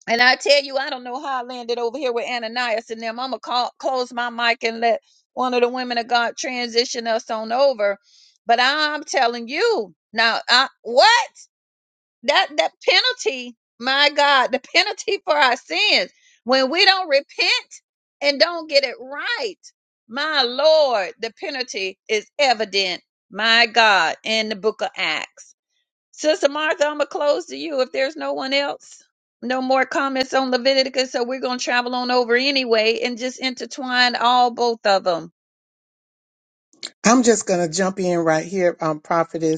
[SPEAKER 4] And I tell you, I don't know how I landed over here with Ananias and them. I'm going to call close my mic and let one of the women of God transition us on over. But I'm telling you, now, I, what? that that penalty my god the penalty for our sins when we don't repent and don't get it right my lord the penalty is evident my god in the book of acts sister martha i'm gonna close to you if there's no one else no more comments on leviticus so we're gonna travel on over anyway and just intertwine all both of them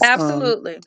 [SPEAKER 4] absolutely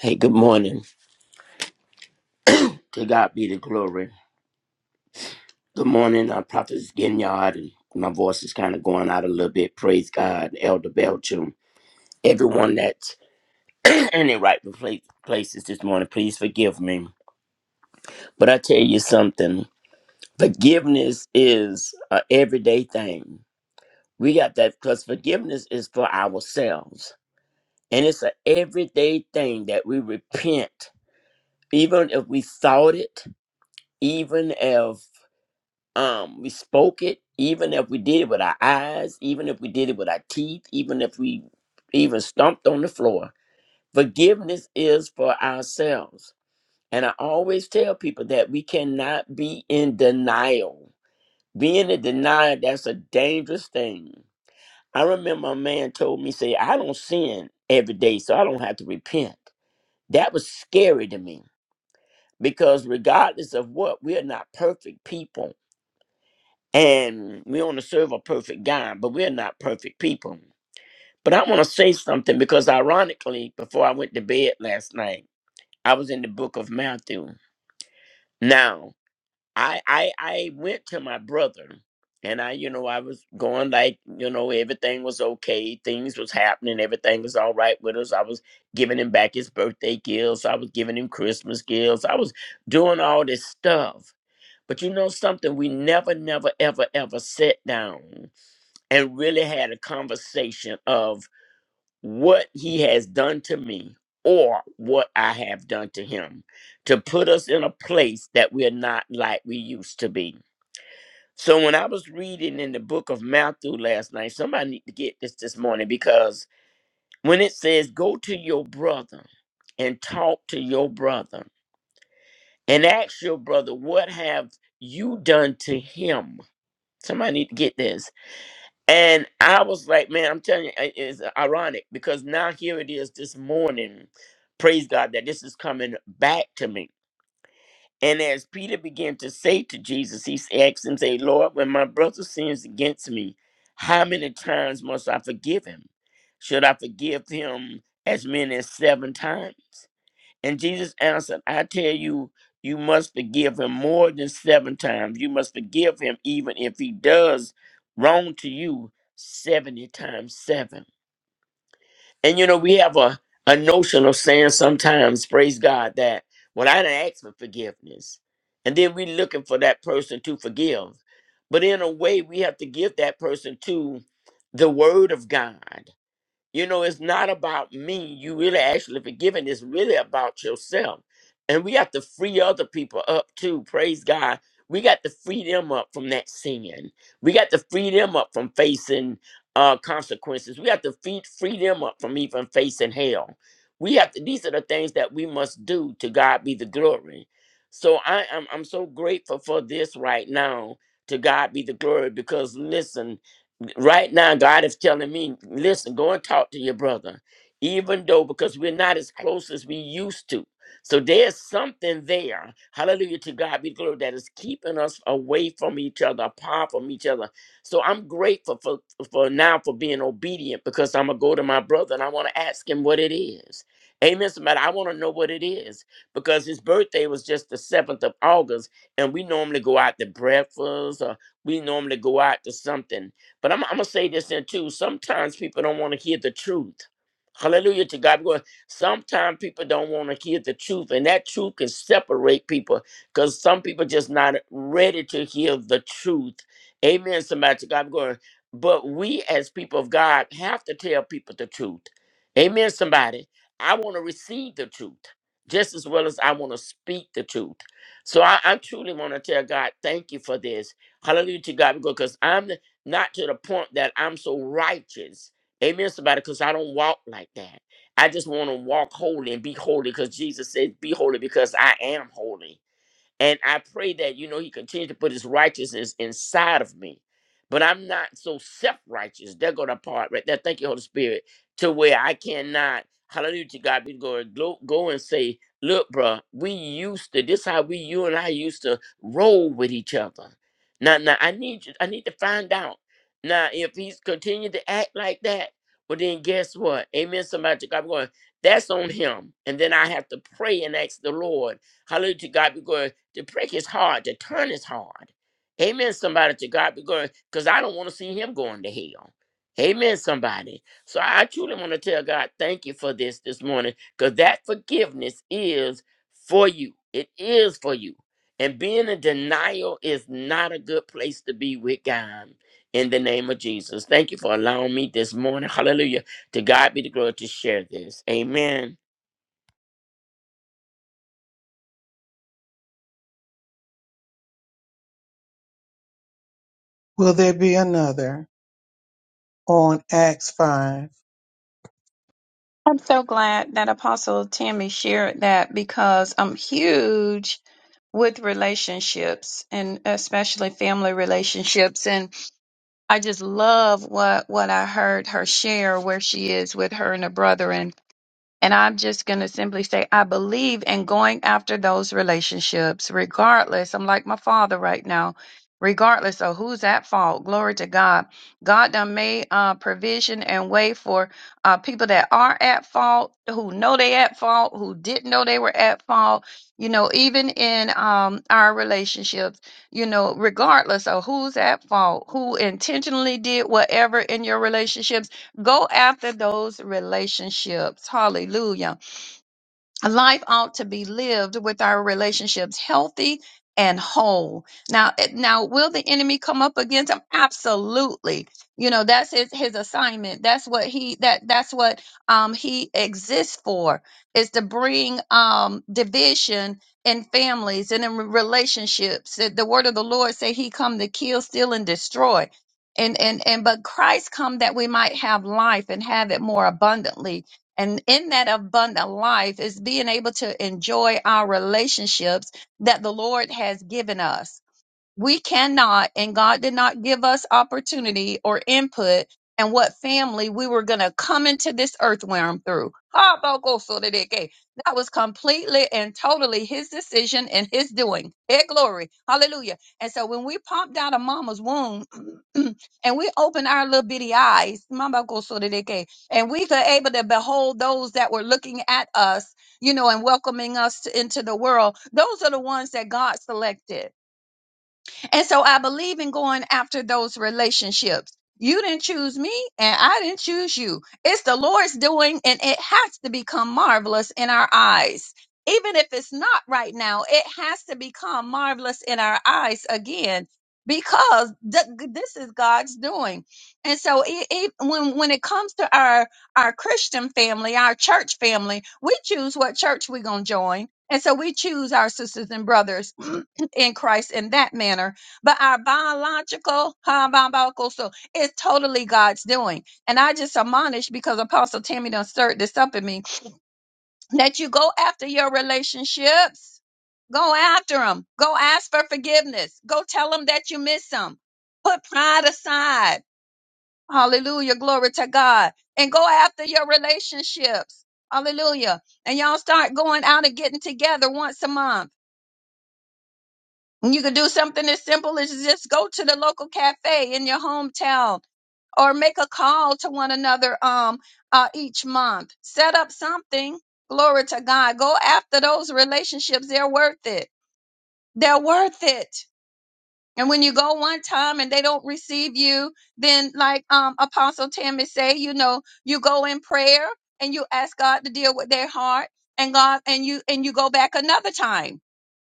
[SPEAKER 6] Hey, good morning. To God be the glory. Good morning, uh, Prophet Ginyard. And my voice is kind of going out a little bit. Praise God, Elder Belchum. Everyone that's *clears throat* in their right pla- places this morning, please forgive me. But I tell you something forgiveness is an everyday thing. We got that because forgiveness is for ourselves. And it's an everyday thing that we repent, even if we thought it, even if um we spoke it even if we did it with our eyes even if we did it with our teeth even if we even stomped on the floor forgiveness is for ourselves and i always tell people that we cannot be in denial being in denial that's a dangerous thing i remember a man told me say i don't sin every day so i don't have to repent that was scary to me because regardless of what we are not perfect people and we want to serve a perfect God, but we're not perfect people. But I want to say something because, ironically, before I went to bed last night, I was in the book of Matthew. Now, I I, I went to my brother, and I, you know, I was going like, you know, everything was okay, things was happening, everything was all right with us. I was giving him back his birthday gifts, I was giving him Christmas gifts, I was doing all this stuff. But you know something, we never, never, ever, ever sat down and really had a conversation of what he has done to me or what I have done to him to put us in a place that we're not like we used to be. So when I was reading in the book of Matthew last night, somebody need to get this this morning because when it says go to your brother and talk to your brother and ask your brother what have you done to him? Somebody need to get this And I was like, man, I'm telling you, it- it's ironic because now here it is this morning. Praise God that this is coming back to me. And as Peter began to say to Jesus, he s- asked him, say, Lord, when my brother sins against me, how many times must I forgive him? Should I forgive him as many as seven times? And Jesus answered, I tell you, you must forgive him more than seven times. You must forgive him even if he does wrong to you 70 times seven. And you know, we have a, a notion of saying sometimes, praise God, that well, I didn't ask for forgiveness. And then we're looking for that person to forgive. But in a way, we have to give that person to the word of God you know, it's not about me. You really actually forgiving. It's really about yourself. And we have to free other people up too. Praise God. We got to free them up from that sin. We got to free them up from facing uh, consequences. We have to free, free them up from even facing hell. We have to, these are the things that we must do to God be the glory. So I I'm, I'm so grateful for this right now. To God be the glory because listen, right now god is telling me listen go and talk to your brother even though because we're not as close as we used to so there's something there hallelujah to god be the glory that is keeping us away from each other apart from each other so i'm grateful for for now for being obedient because i'm gonna go to my brother and i want to ask him what it is amen somebody i want to know what it is because his birthday was just the 7th of august and we normally go out to breakfast or we normally go out to something but I'm, I'm gonna say this in too. Sometimes people don't want to hear the truth. Hallelujah to God. Because sometimes people don't want to hear the truth, and that truth can separate people because some people just not ready to hear the truth. Amen. Somebody to God. Because, but we as people of God have to tell people the truth. Amen. Somebody, I want to receive the truth just as well as I want to speak the truth. So I, I truly want to tell God, thank you for this. Hallelujah to God. Because I'm not to the point that I'm so righteous. Amen, somebody, because I don't walk like that. I just want to walk holy and be holy because Jesus said, Be holy because I am holy. And I pray that, you know, he continues to put his righteousness inside of me. But I'm not so self righteous. There go the part right there. Thank you, Holy Spirit, to where I cannot, hallelujah to God, be going, go, go and say, look, bruh, we used to, this how we, you and I used to roll with each other. Now, now, I need you, I need to find out. Now, if he's continued to act like that, well, then guess what? Amen. Somebody to God, be going, that's on him. And then I have to pray and ask the Lord, hallelujah to God, because to break is hard. To turn is hard. Amen, somebody, to God be glory, because I don't want to see him going to hell. Amen, somebody. So I truly want to tell God, thank you for this this morning, because that forgiveness is for you. It is for you. And being in denial is not a good place to be with God. In the name of Jesus. Thank you for allowing me this morning. Hallelujah. To God be the glory to share this. Amen.
[SPEAKER 4] I'm so glad that Apostle Tammy shared that because I'm huge with relationships and especially family relationships. And I just love what, what I heard her share where she is with her and her brother. and. And I'm just going to simply say, I believe in going after those relationships, regardless. I'm like my father right now, regardless of who's at fault. Glory to God. God done made uh, provision and way for uh, people that are at fault, who know they at fault, who didn't know they were at fault. You know, even in um, our relationships, you know, regardless of who's at fault, who intentionally did whatever in your relationships Go after those relationships. Hallelujah. A life ought to be lived with our relationships healthy and whole. Now, eh, now, will the enemy come up against him? Absolutely. You know, that's his, his assignment. That's what he, that, that's what, um, he exists for is to bring, um, division in families and in relationships. The the word of the Lord say he come to kill, steal and destroy. And, and, and, but Christ come that we might have life and have it more abundantly and in that abundant life is being able to enjoy our relationships that the Lord has given us we cannot and god did not give us opportunity or input and what family we were going to come into this earthworm through Ah, boko so de de ke. that was completely and totally his decision and his doing hey glory hallelujah and so when we popped out of mama's womb *clears throat* and we opened our little bitty eyes mama boko so de de ke, and we were able to behold those that were looking at us you know and welcoming us to, into the world those are the ones that god selected and so I believe in going after those relationships. You didn't choose me and I didn't choose you. It's the Lord's doing and it has to become marvelous in our eyes. Even if it's not right now, it has to become marvelous in our eyes again because th- this is God's doing. And so it, it, when when it comes to our our Christian family, our church family, we choose what church we're going to join. And so we choose our sisters and brothers *clears throat* in Christ in that manner but our biological huh, biological so it's totally god's doing and i just admonish because apostle tammy done stirred this up in me that you go after your relationships go after them go ask for forgiveness go tell them that you miss them put pride aside hallelujah glory to god and go after your relationships hallelujah and y'all start going out and getting together once a month And You can do something as simple as just go to the local cafe in your hometown or make a call to one another um uh, each month. Set up something. Glory to God. Go after those relationships. They're worth it. They're worth it. And when you go one time and they don't receive you, then like um Apostle Tammy say, you know, you go in prayer and you ask God to deal with their heart and God and you and you go back another time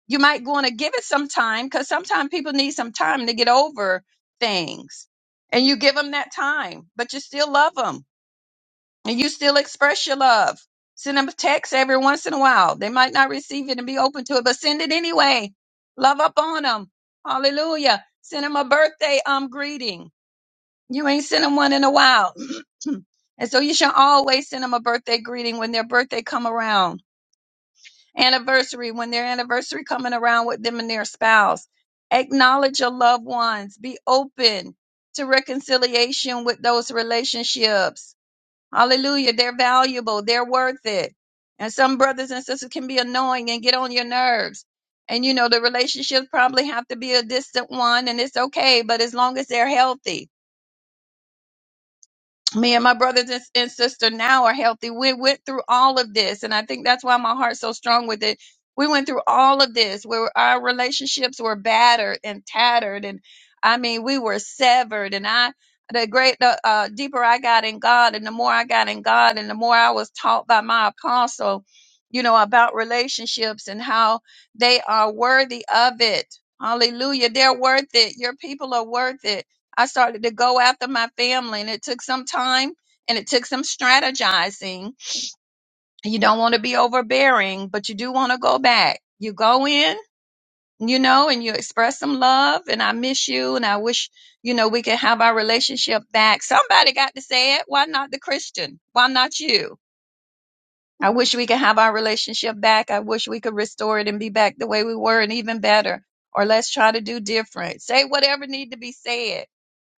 [SPEAKER 4] you might want to give it some time because sometimes people need some time to get over things. And you give them that time, but you still love them and you still express your love. Send them a text every once in a while. They might not receive it and be open to it, but send it anyway. Love up on them. Hallelujah. Send them a birthday um greeting. You ain't sent them one in a while. *clears throat* and so you should always send them a birthday greeting when their birthday come around anniversary when their anniversary coming around with them and their spouse acknowledge your loved ones be open to reconciliation with those relationships hallelujah they're valuable they're worth it and some brothers and sisters can be annoying and get on your nerves and you know the relationships probably have to be a distant one and it's okay but as long as they're healthy me and my brothers and and sister now are healthy. We went through all of this, and I think that's why my heart's so strong with it. We went through all of this where our relationships were battered and tattered, and I mean, we were severed. And I, the great, the uh, deeper I got in God, and the more I got in God, and the more I was taught by my apostle, you know, about relationships and how they are worthy of it. Hallelujah. They're worth it. Your people are worth it I started to go after my family, and it took some time and it took some strategizing. You don't want to be overbearing, but you do want to go back. You go in, you know, and you express some love, and I miss you, and I wish, you know, we could have our relationship back. Somebody got to say it. Why not the Christian? Why not you? I wish we could have our relationship back. I wish we could restore it and be back the way we were and even better. Or let's try to do different. Say whatever need to be said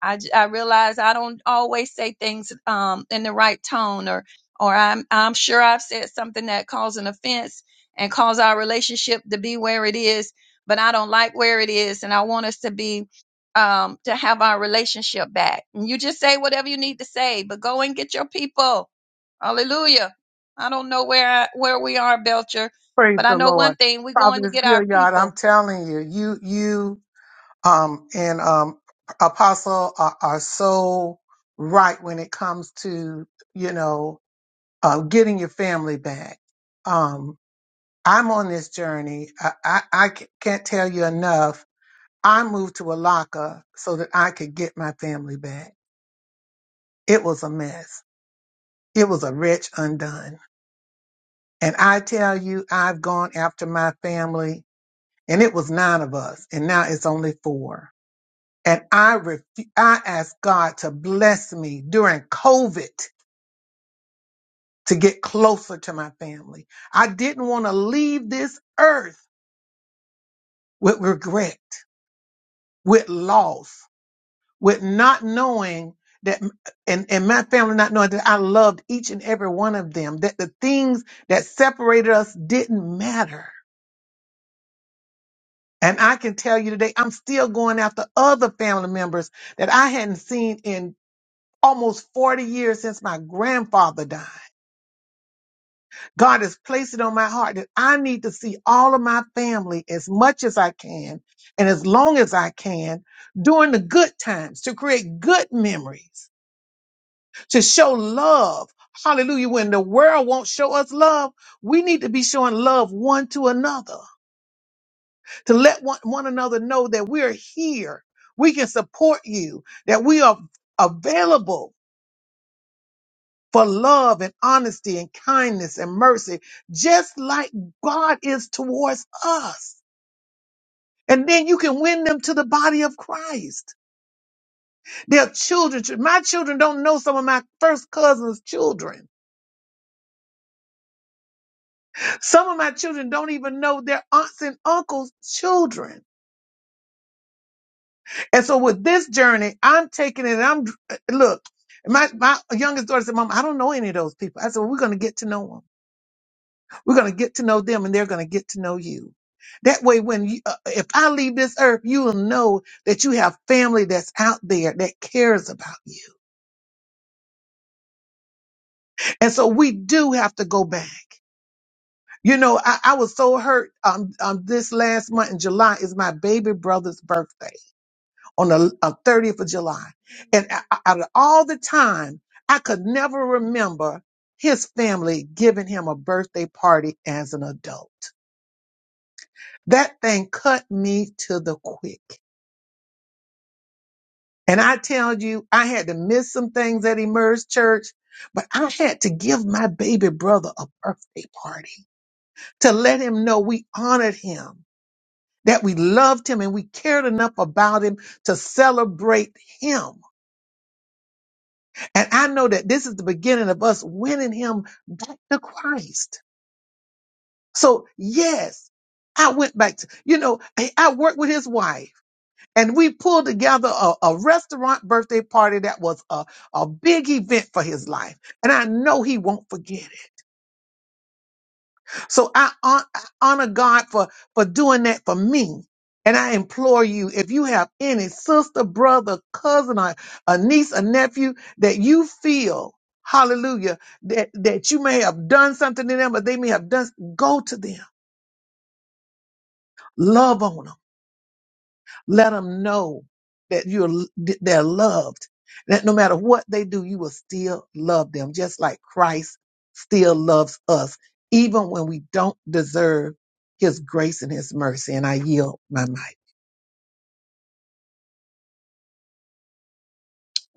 [SPEAKER 4] I, j- I realize I don't always say things um, in the right tone, or or I'm I'm sure I've said something that caused an offense and caused our relationship to be where it is, but I don't like where it is, and I want us to be um, to have our relationship back. And you just say whatever you need to say, but go and get your people. Hallelujah. I don't know where I, where we are, Belcher, but I know one thing: we're going to get our people.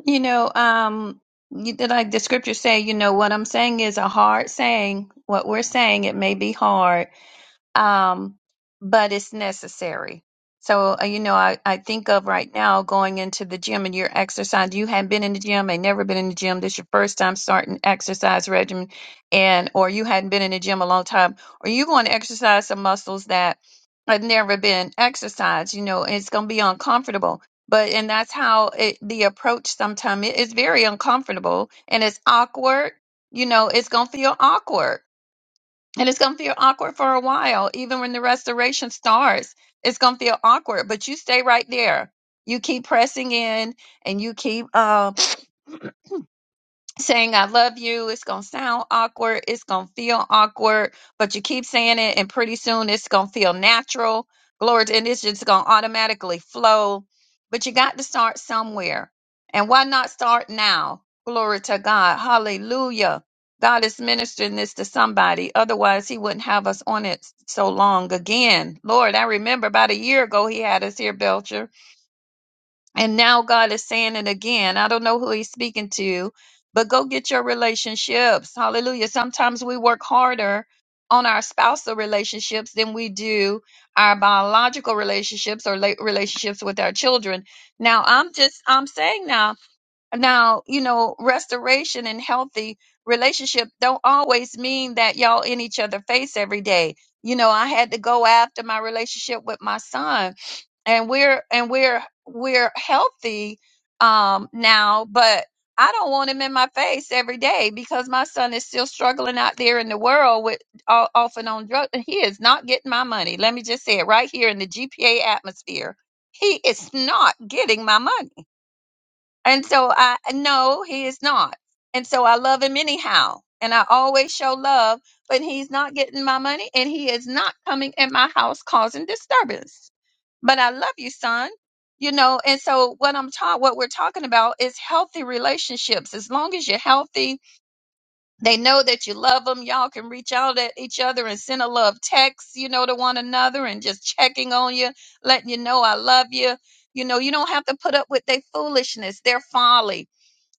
[SPEAKER 4] You know, um, you, like the scriptures say, you know, what I'm saying is a hard saying. What we're saying, it may be hard um, but it's necessary. So, uh, you know, I, I think of right now going into the gym and you're exercising. You haven't been in the gym, ain't never been in the gym. This your first time starting exercise regimen, and or you hadn't been in the gym a long time, or you going to exercise some muscles that have never been exercised. You know, and it's going to be uncomfortable. But and that's how it, the approach sometimes it is very uncomfortable and it's awkward. You know, it's going to feel awkward and it's going to feel awkward for a while. Even when the restoration starts, it's going to feel awkward, but you stay right there. You keep pressing in and you keep um, saying I love you. It's going to sound awkward. It's going to feel awkward, but you keep saying it, and pretty soon it's going to feel natural. Glory, to- and it's just going to automatically flow. But you got to start somewhere. And why not start now? Glory to God. Hallelujah. God is ministering this to somebody. Otherwise, he wouldn't have us on it so long again. Lord, I remember about a year ago, he had us here, Belcher and now God is saying it again. I don't know who he's speaking to, but go get your relationships. Hallelujah. Sometimes we work harder on our spousal relationships than we do our biological relationships or la- relationships with our children. Now, I'm just I'm saying now, now, you know, restoration and healthy relationship don't always mean that y'all in each other face every day. You know, I had to go after my relationship with my son and we're and we're we're healthy um now but i don't want him in my face every day because my son is still struggling out there in the world with o- off and on drugs and he is not getting my money let me just say it right here in the gpa atmosphere he is not getting my money and so I no, he is not. And so I love him anyhow. And I always show love, but he's not getting my money and he is not coming in my house causing disturbance. But I love you, son. You know, and so what I'm taught, what we're talking about is healthy relationships. As long as you're healthy, they know that you love them. Y'all can reach out at each other and send a love text, you know, to one another and just checking on you, letting you know I love you. You know, you don't have to put up with their foolishness, their folly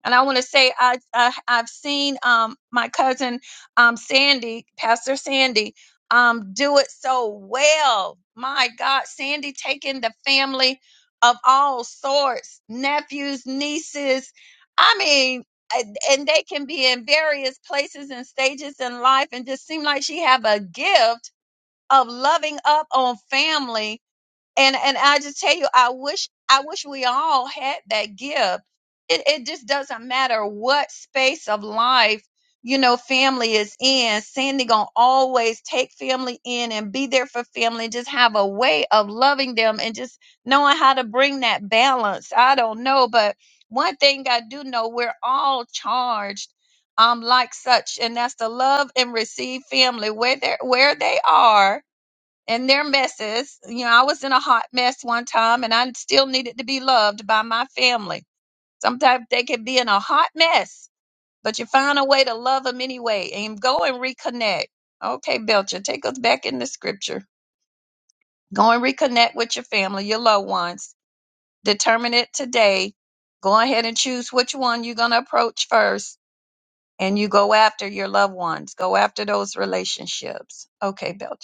[SPEAKER 4] and I want to say I, I I've seen um my cousin um Sandy, Pastor Sandy, um do it so well. My God, Sandy taking the family of all sorts, nephews, nieces. I mean, and and they can be in various places and stages in life and just seem like she have a gift of loving up on family and and I just tell you, I wish I wish we all had that gift. It it just doesn't matter what space of life you know family is in. Sandy gonna always take family in and be there for family. and Just have a way of loving them and just knowing how to bring that balance. I don't know, but one thing I do know, we're all charged. Um, like such, and that's to love and receive family where they where they are and their messes. You know, I was in a hot mess one time and I still needed to be loved by my family. Sometimes they can be in a hot mess, but you find a way to love them anyway and go and reconnect. Okay, Belcher, take us back in the scripture. Go and reconnect with your family, your loved ones. Determine it today. Go ahead and choose which one you're going to approach first, and you go after your loved ones. Go after those relationships. Okay, Belcher.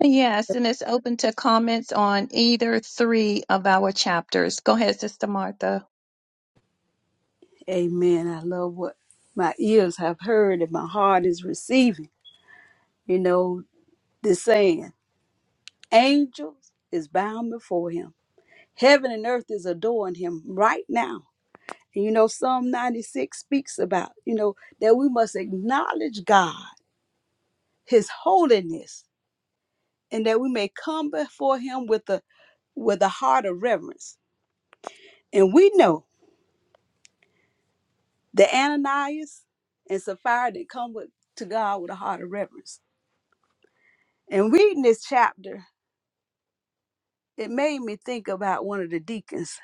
[SPEAKER 4] Yes, and it's open to comments on either three of our chapters. Go ahead, Sister Martha.
[SPEAKER 2] Amen. I love what my ears have heard and my heart is receiving. You know, this saying, angels is bound before him. Heaven and earth is adoring him right now you know psalm 96 speaks about you know that we must acknowledge god his holiness and that we may come before him with a with a heart of reverence and we know that ananias and sapphira didn't come with, to god with a heart of reverence and reading this chapter it made me think about one of the deacons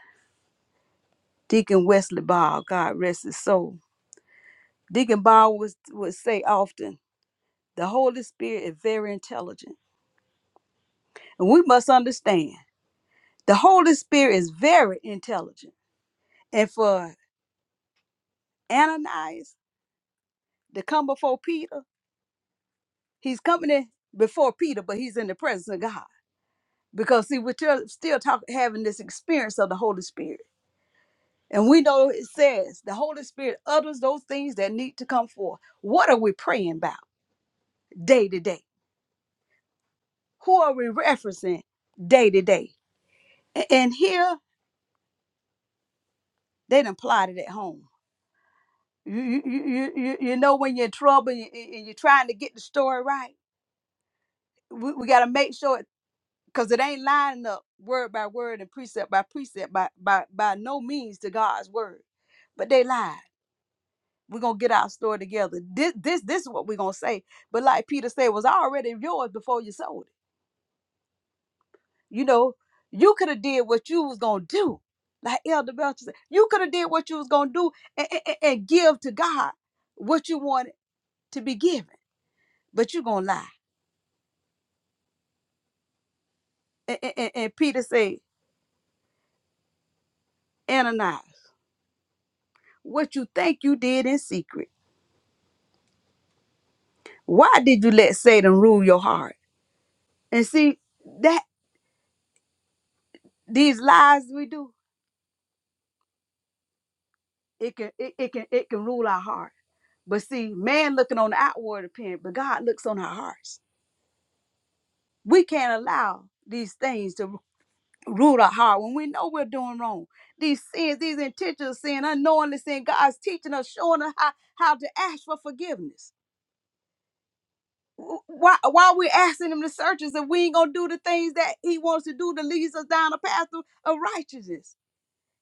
[SPEAKER 2] deacon wesley ball god rest his soul deacon ball was, would say often the holy spirit is very intelligent and we must understand The Holy Spirit is very intelligent. And for Ananias to come before Peter, he's coming before Peter, but he's in the presence of God. Because see, we're still, still talking having this experience of the Holy Spirit. And we know it says the Holy Spirit utters those things that need to come forth. What are we praying about day to day? Who are we referencing day to day? A- And here they done plotted at home. You, you, you, you, you you know when you're in trouble and you- and you're trying to get the story right we, we got to make sure because it ain't lining up word by word and precept by precept by by by no means to God's word. But they lied. We're gonna get our story together. This this this is what we're gonna say. But like Peter said, it was already yours before you sold it. You know, you could have did what you was gonna do. Like Elder Belcher said, you could have did what you was gonna do and, and, and give to God what you wanted to be given. But you gonna lie. And, and, and and Peter said, Ananias, what you think you did in secret. Why did you let Satan rule your heart? And see that these lies we do, it can it, it can it can rule our heart. But see, man looking on the outward appearance, but God looks on our hearts. We can't allow these things to rule our heart when we know we're doing wrong. These sins, these intentional sin, unknowingly sin, God's teaching us, showing us how, how to ask for forgiveness. Wh- Why why we asking him to search us if we ain't gonna do the things that he wants to do to lead us down a path of, of righteousness?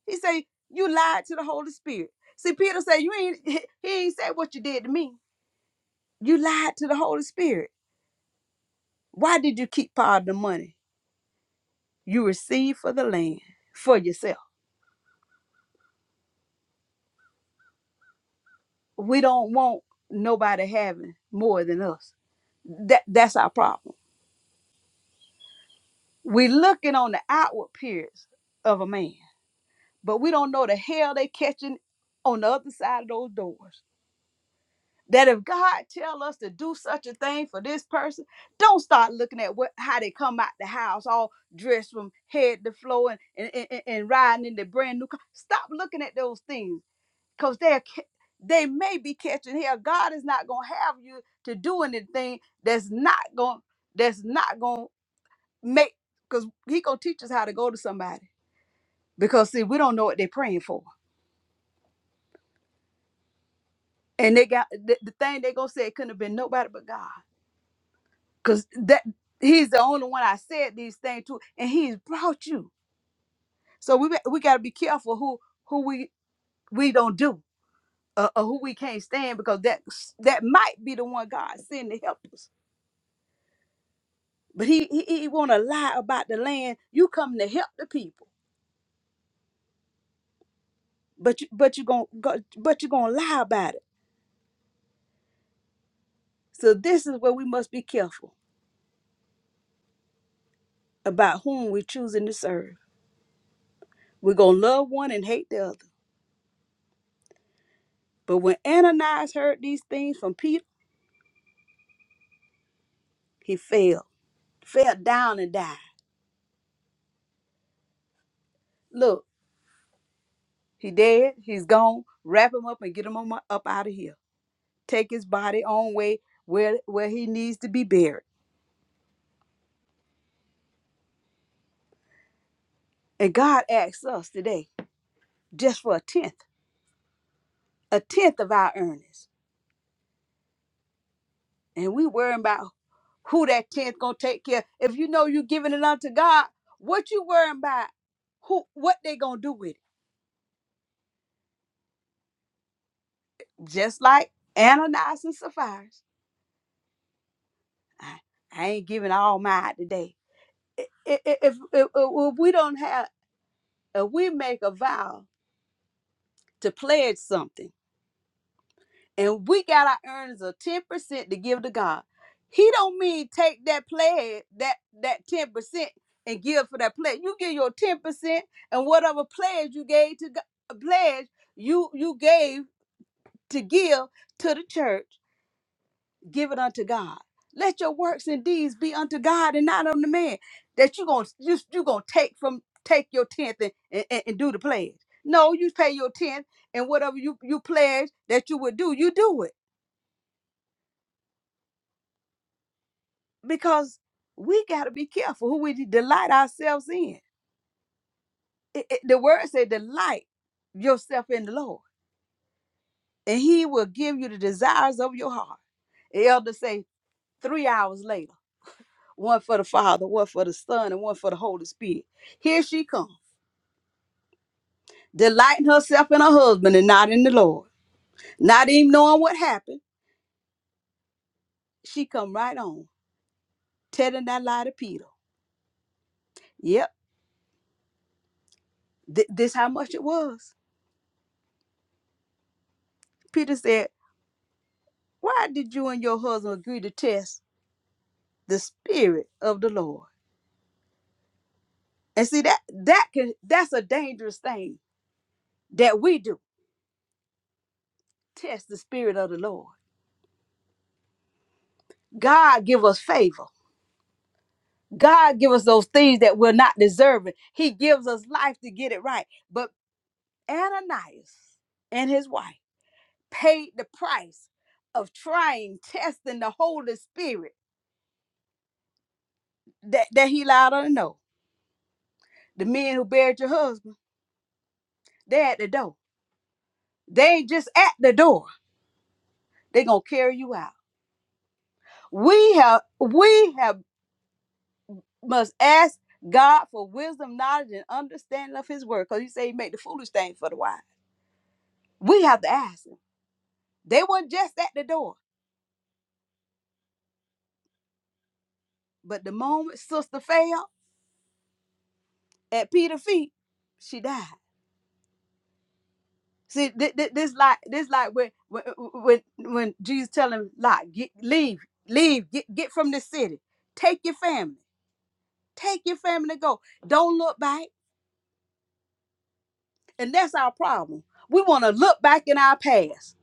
[SPEAKER 2] He say you lied to the Holy Spirit. See, Peter said you ain't. *laughs* He ain't said what you did to me. You lied to the Holy Spirit. Why did you keep part of the money you received for the land for yourself? We don't want nobody having more than us. That that's our problem. we looking on the outward appearance of a man, but we don't know the hell they catching on the other side of those doors. that if God tell us to do such a thing for this person, don't start looking at what how they come out the house all dressed from head to floor and and, and, and- riding in the brand new car. Stop looking at those things because they're ca- they may be catching hell. God is not gonna have you to do anything that's not gonna that's not gonna make because He gonna teach us how to go to somebody because see we don't know what they're praying for and they got the, the thing they gonna say it couldn't have been nobody but God because that he's the only one I said these things to, and he's brought you. So we we got to be careful who who we we don't do uh, or who we can't stand because that that might be the one God sent to help us. But he he, he want to lie about the land. You come to help the people, but you but you gonna go, but you gonna lie about it. So this is where we must be careful about whom we're choosing to serve. We're gonna love one and hate the other. But when Ananias heard these things from Peter, he fell. fell down and died. Look, he dead. He's gone. Wrap him up and get him on my- up out of here. Take his body on way where where he needs to be buried. And God asks us today just for a tenth, a tenth of our earnings, and we worrying about who that tenth gonna take care. If you know you giving it unto God, what you worrying about? Who what they gonna do with it? Just like Ananias and Sapphira. I, I ain't giving all mine today. I- i- if, if, if we don't have if we make a vow to pledge something and we got our earnings of 10% to give to God, he don't mean take that pledge, that that 10% and give for that pledge. You give your 10% and whatever pledge you gave to God, pledge you you gave to give to the church give it unto God. Let your works and deeds be unto God and not unto man. That you gonna you, you gonna take from take your tenth and, and, and do the pledge. No, you pay your tenth and whatever you you pledge that you would do, you do it because we gotta be careful who we delight ourselves in. It- it- the word said, delight yourself in the Lord, and He will give you the desires of your heart. The elder say three hours later. one for the Father, one for the Son, and one for the Holy Spirit. Here she comes, delighting herself in her husband and not in the Lord. Not even knowing what happened, she come right on, telling that lie to Peter. Yep, th- this how much it was. Peter said, why did you and your husband agree to test the spirit of the Lord? And see that that can that's a dangerous thing that we do. Test the spirit of the Lord. God give us favor God give us those things that we're not deserving. He gives us life to get it right. But Ananias and his wife paid the price of trying, testing the Holy Spirit that, that he allowed her to know. The men who buried your husband, they're at the door. They ain't just at the door. They're gonna carry you out. We have we have must ask God for wisdom, knowledge, and understanding of his word. Because you say he made the foolish thing for the wise. We have to ask him. They weren't just at the door. But the moment sister fell at Peter's feet, she died. See, thi- thi- this like this like when when when when Jesus tell him, "Lot, get leave, leave, get get from this city, take your family, take your family to go. Don't look back." And that's our problem. We want to look back in our past,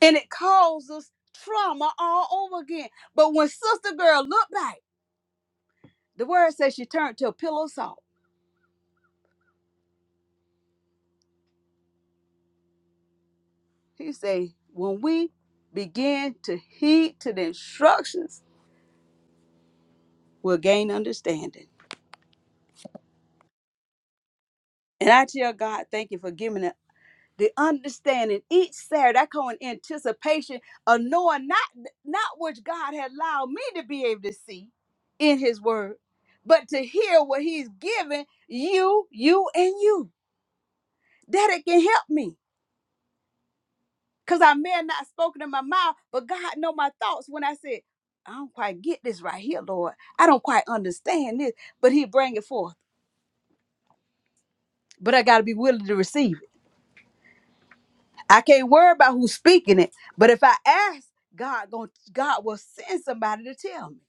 [SPEAKER 2] and it causes trauma all over again. But when sister girl looked back, the word says she turned to a pillow of salt. He say, when we begin to heed to the instructions, we'll gain understanding. And I tell God, thank you for giving us the understanding each Saturday. I call in anticipation of knowing not not which God had allowed me to be able to see in His Word, but to hear what He's given you, you, and you. That it can help me. Because I may have not spoken in my mouth, but God know my thoughts when I said, I don't quite get this right here, Lord. I don't quite understand this, but he bring it forth. But I got to be willing to receive it. I can't worry about who's speaking it. But if I ask, God, going God will send somebody to tell me.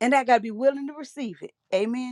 [SPEAKER 2] And I got to be willing to receive it. Amen.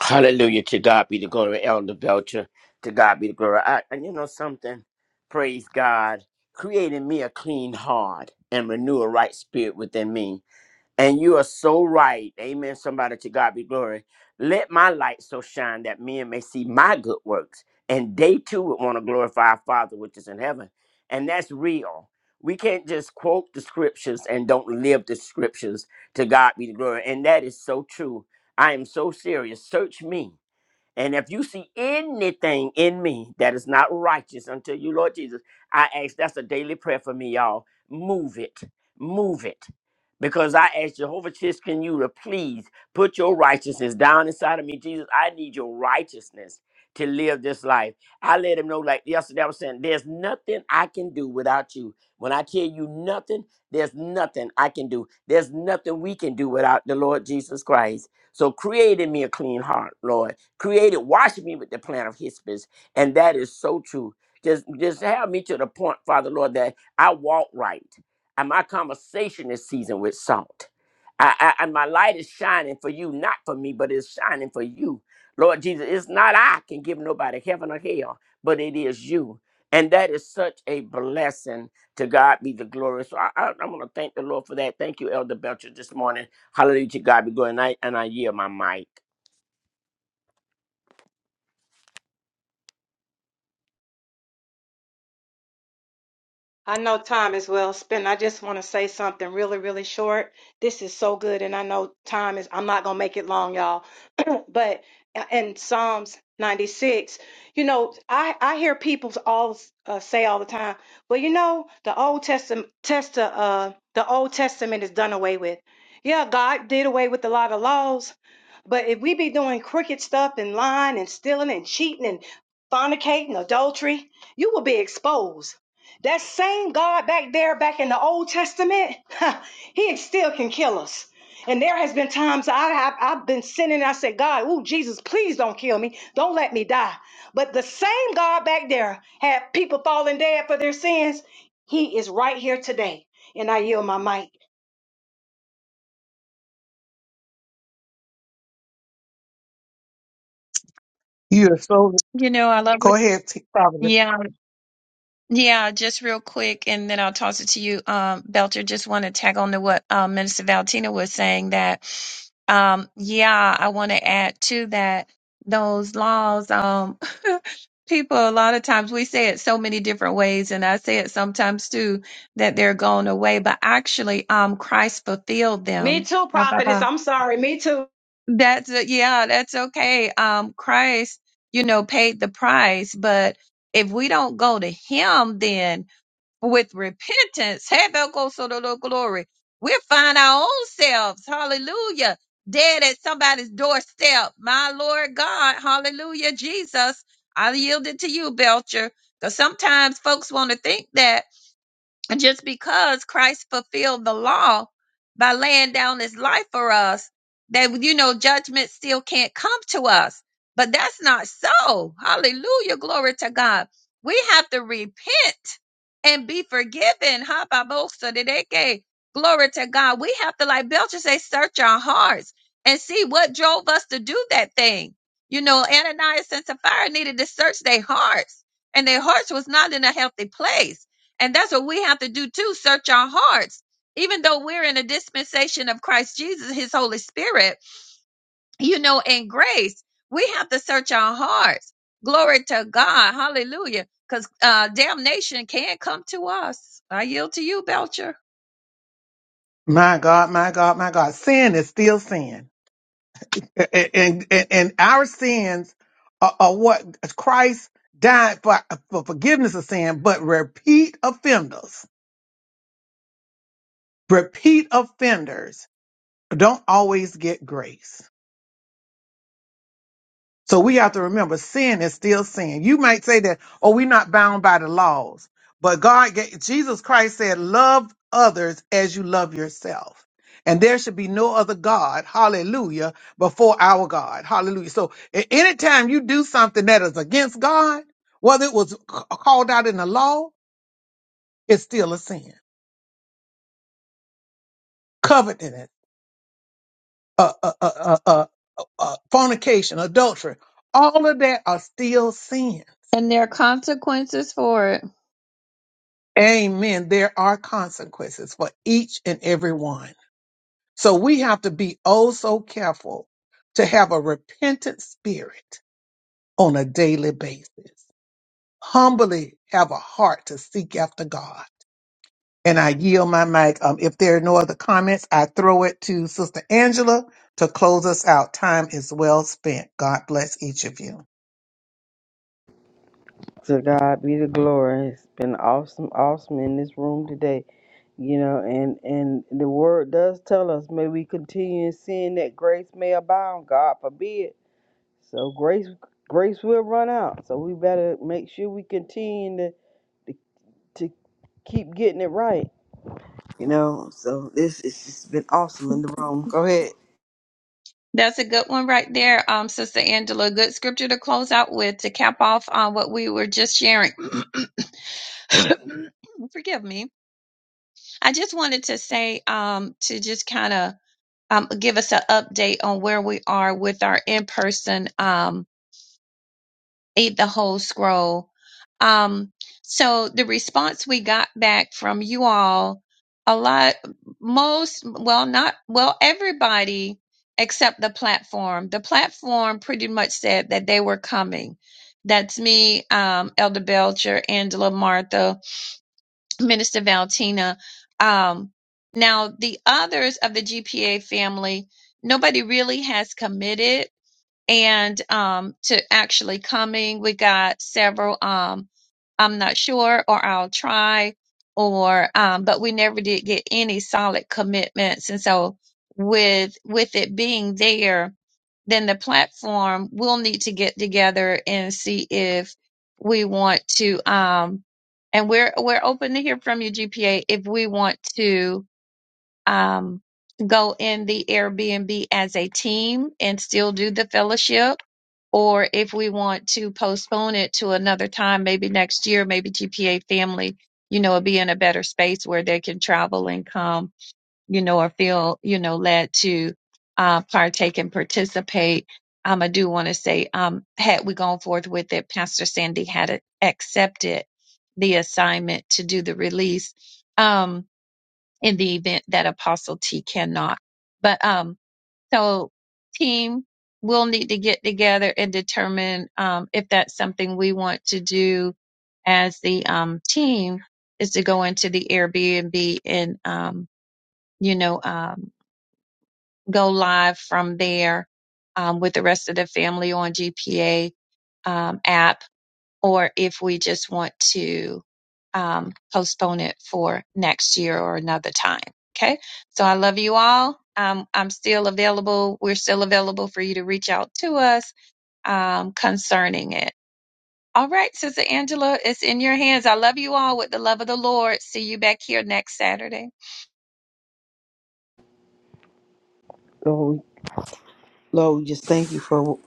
[SPEAKER 6] Hallelujah. To God be the glory, Elder Belcher. To God be the glory. I, and you know something? Praise God. Creating me a clean heart and renew a right spirit within me. And you are so right. Amen. Somebody to God be glory. Let my light so shine that men may see my good works and they too would want to glorify our Father which is in heaven. And that's real. We can't just quote the scriptures and don't live the scriptures to God be the glory. And that is so true. I am so serious. Search me. And if you see anything in me that is not righteous unto you, Lord Jesus, I ask that's a daily prayer for me, y'all. Move it. Move it. Because I ask Jehovah Chiskin you to please put your righteousness down inside of me. Jesus, I need your righteousness to live this life. I let him know, like yesterday, I was saying, there's nothing I can do without you. When I tell you nothing, there's nothing I can do. There's nothing we can do without the Lord Jesus Christ. So create in me a clean heart, Lord created wash me with the plant of hispis and that is so true just just have me to the point father lord that i walk right and my conversation is seasoned with salt I, I and my light is shining for you not for me but it's shining for you lord jesus it's not i can give nobody heaven or hell but it is you and that is such a blessing to God be the glory. So I, I, I want to thank the Lord for that. Thank you, Elder Belcher, this morning. Hallelujah to God be glory. And I, and I yield my mic.
[SPEAKER 3] I know time is well spent. I just want to say something really, really short. This is so good, and I know time is, I'm not going to make it long, y'all. *clears throat* but uh, in Psalms 96, you know, I, I hear people all uh, say all the time, well, you know, the Old Testament, test, uh, uh, the Old Testament is done away with. Yeah, God did away with a lot of laws, but if we be doing crooked stuff and lying and stealing and cheating and fornicating, adultery, you will be exposed that same God back there, back in the Old Testament, *laughs* he still can kill us. And there has been times I have I've been sinning. I said, God, oh Jesus, please don't kill me. Don't let me die. But the same God back there had people falling dead for their sins. He is right here today. And I yield my mic.
[SPEAKER 4] You know, I love it. Yeah, yeah, just real quick, and then I'll toss it to you, um, Belcher. Just want to tag on to what um, Minister Valentina was saying that, um, yeah, I want to add to that those laws. Um, *laughs* people, a lot of times we say it so many different ways, and I say it sometimes too that they're going away, but actually, um, Christ fulfilled
[SPEAKER 3] Me
[SPEAKER 4] them.
[SPEAKER 3] too, prophetess. I'm sorry. Me too.
[SPEAKER 4] That's a, yeah, that's okay. Um, Christ, you know, paid the price, but if we don't go to Him, then with repentance, *laughs* have our go so the Lord glory. We'll find our own selves, hallelujah, dead at somebody's doorstep. My Lord God, hallelujah, Jesus, I yield it to you, Belcher, because sometimes folks want to think that just because Christ fulfilled the law by laying down his life for us, that, you know, judgment still can't come to us. But that's not so. Hallelujah. Glory to God. We have to repent and be forgiven. Hababosadideke. Glory to God. We have to, like Belcher say, search our hearts and see what drove us to do that thing. You know, Ananias and Sapphira needed to search their hearts, and their hearts was not in a healthy place. And that's what we have to do too search our hearts. Even though we're in a dispensation of Christ Jesus, his Holy Spirit, you know, in grace, we have to search our hearts. Glory to God. Hallelujah. Because uh, damnation can come to us. I yield to you, Belcher. And there are consequences for it.
[SPEAKER 5] To God be the glory. It's been awesome, awesome in this room today. You know, and and the word does tell us, may we continue in sin that grace may abound. God forbid. So grace grace will run out. So we better make sure we continue to to, to keep getting it right. You know, so this it's just been awesome in the room. Go ahead.
[SPEAKER 4] That's a good one right there, um, Sister Angela. Good scripture to close out with to cap off on what we were just sharing. *coughs* *clears throat* Forgive me I just wanted to say um, to just kind of um, give us an update on where we are with our in-person um, Eat the Whole Scroll. Um, so the response we got back from you all, a lot, most, well, not, well, everybody except the platform. The platform pretty much said that they were coming. That's me, um, Elder Belcher, Angela, Martha, Minister Valentina. Um, now, the others of the GPA family, nobody really has committed and um, to actually coming. We got several. Um, I'm not sure, or I'll try, or um, but we never did get any solid commitments. And so, with with it being there, then the platform will need to get together and see if we want to. Um, and we're we're open to hear from you, GPA, if we want to um, go in the Airbnb as a team and still do the fellowship. Or if we want to postpone it to another time, maybe next year, maybe GPA family, you know, will be in a better space where they can travel and come, you know, or feel, you know, led to uh, partake and participate. Um, I do want to say, um, had we gone forth with it, Pastor Sandy had accepted the assignment to do the release. Um, in the event that Apostle T cannot. But um, so team will need to get together and determine um, if that's something we want to do as the um, team is to go into the Airbnb and um, you know um, go live from there um, with the rest of the family on GPA um, app or if we just want to um, postpone it for next year or another time. Okay. So I love you all. Um, I'm still available. We're still available for you to reach out to us um, concerning it. All right, Sister Angela, it's in your hands. I love you all with the love of the Lord. See you back here next Saturday.
[SPEAKER 5] Lord, we- Lord, we just thank you for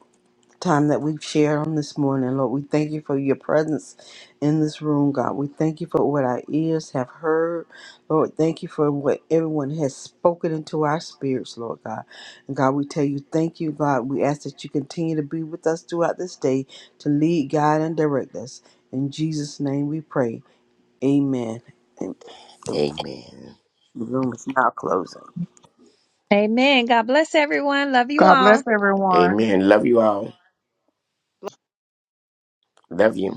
[SPEAKER 5] time that we've shared on this morning. Lord, we thank you for your presence in this room, God. We thank you for what our ears have heard. Lord, thank you for what everyone has spoken into our spirits, Lord God. And God, we tell you, thank you, God. We ask that you continue to be with us throughout this day to lead, guide, and direct us. In Jesus' name we pray. Amen. And the
[SPEAKER 6] Amen.
[SPEAKER 5] room is now closing.
[SPEAKER 4] Amen. God bless everyone. Love you all.
[SPEAKER 6] Amen. Love you all. Love you.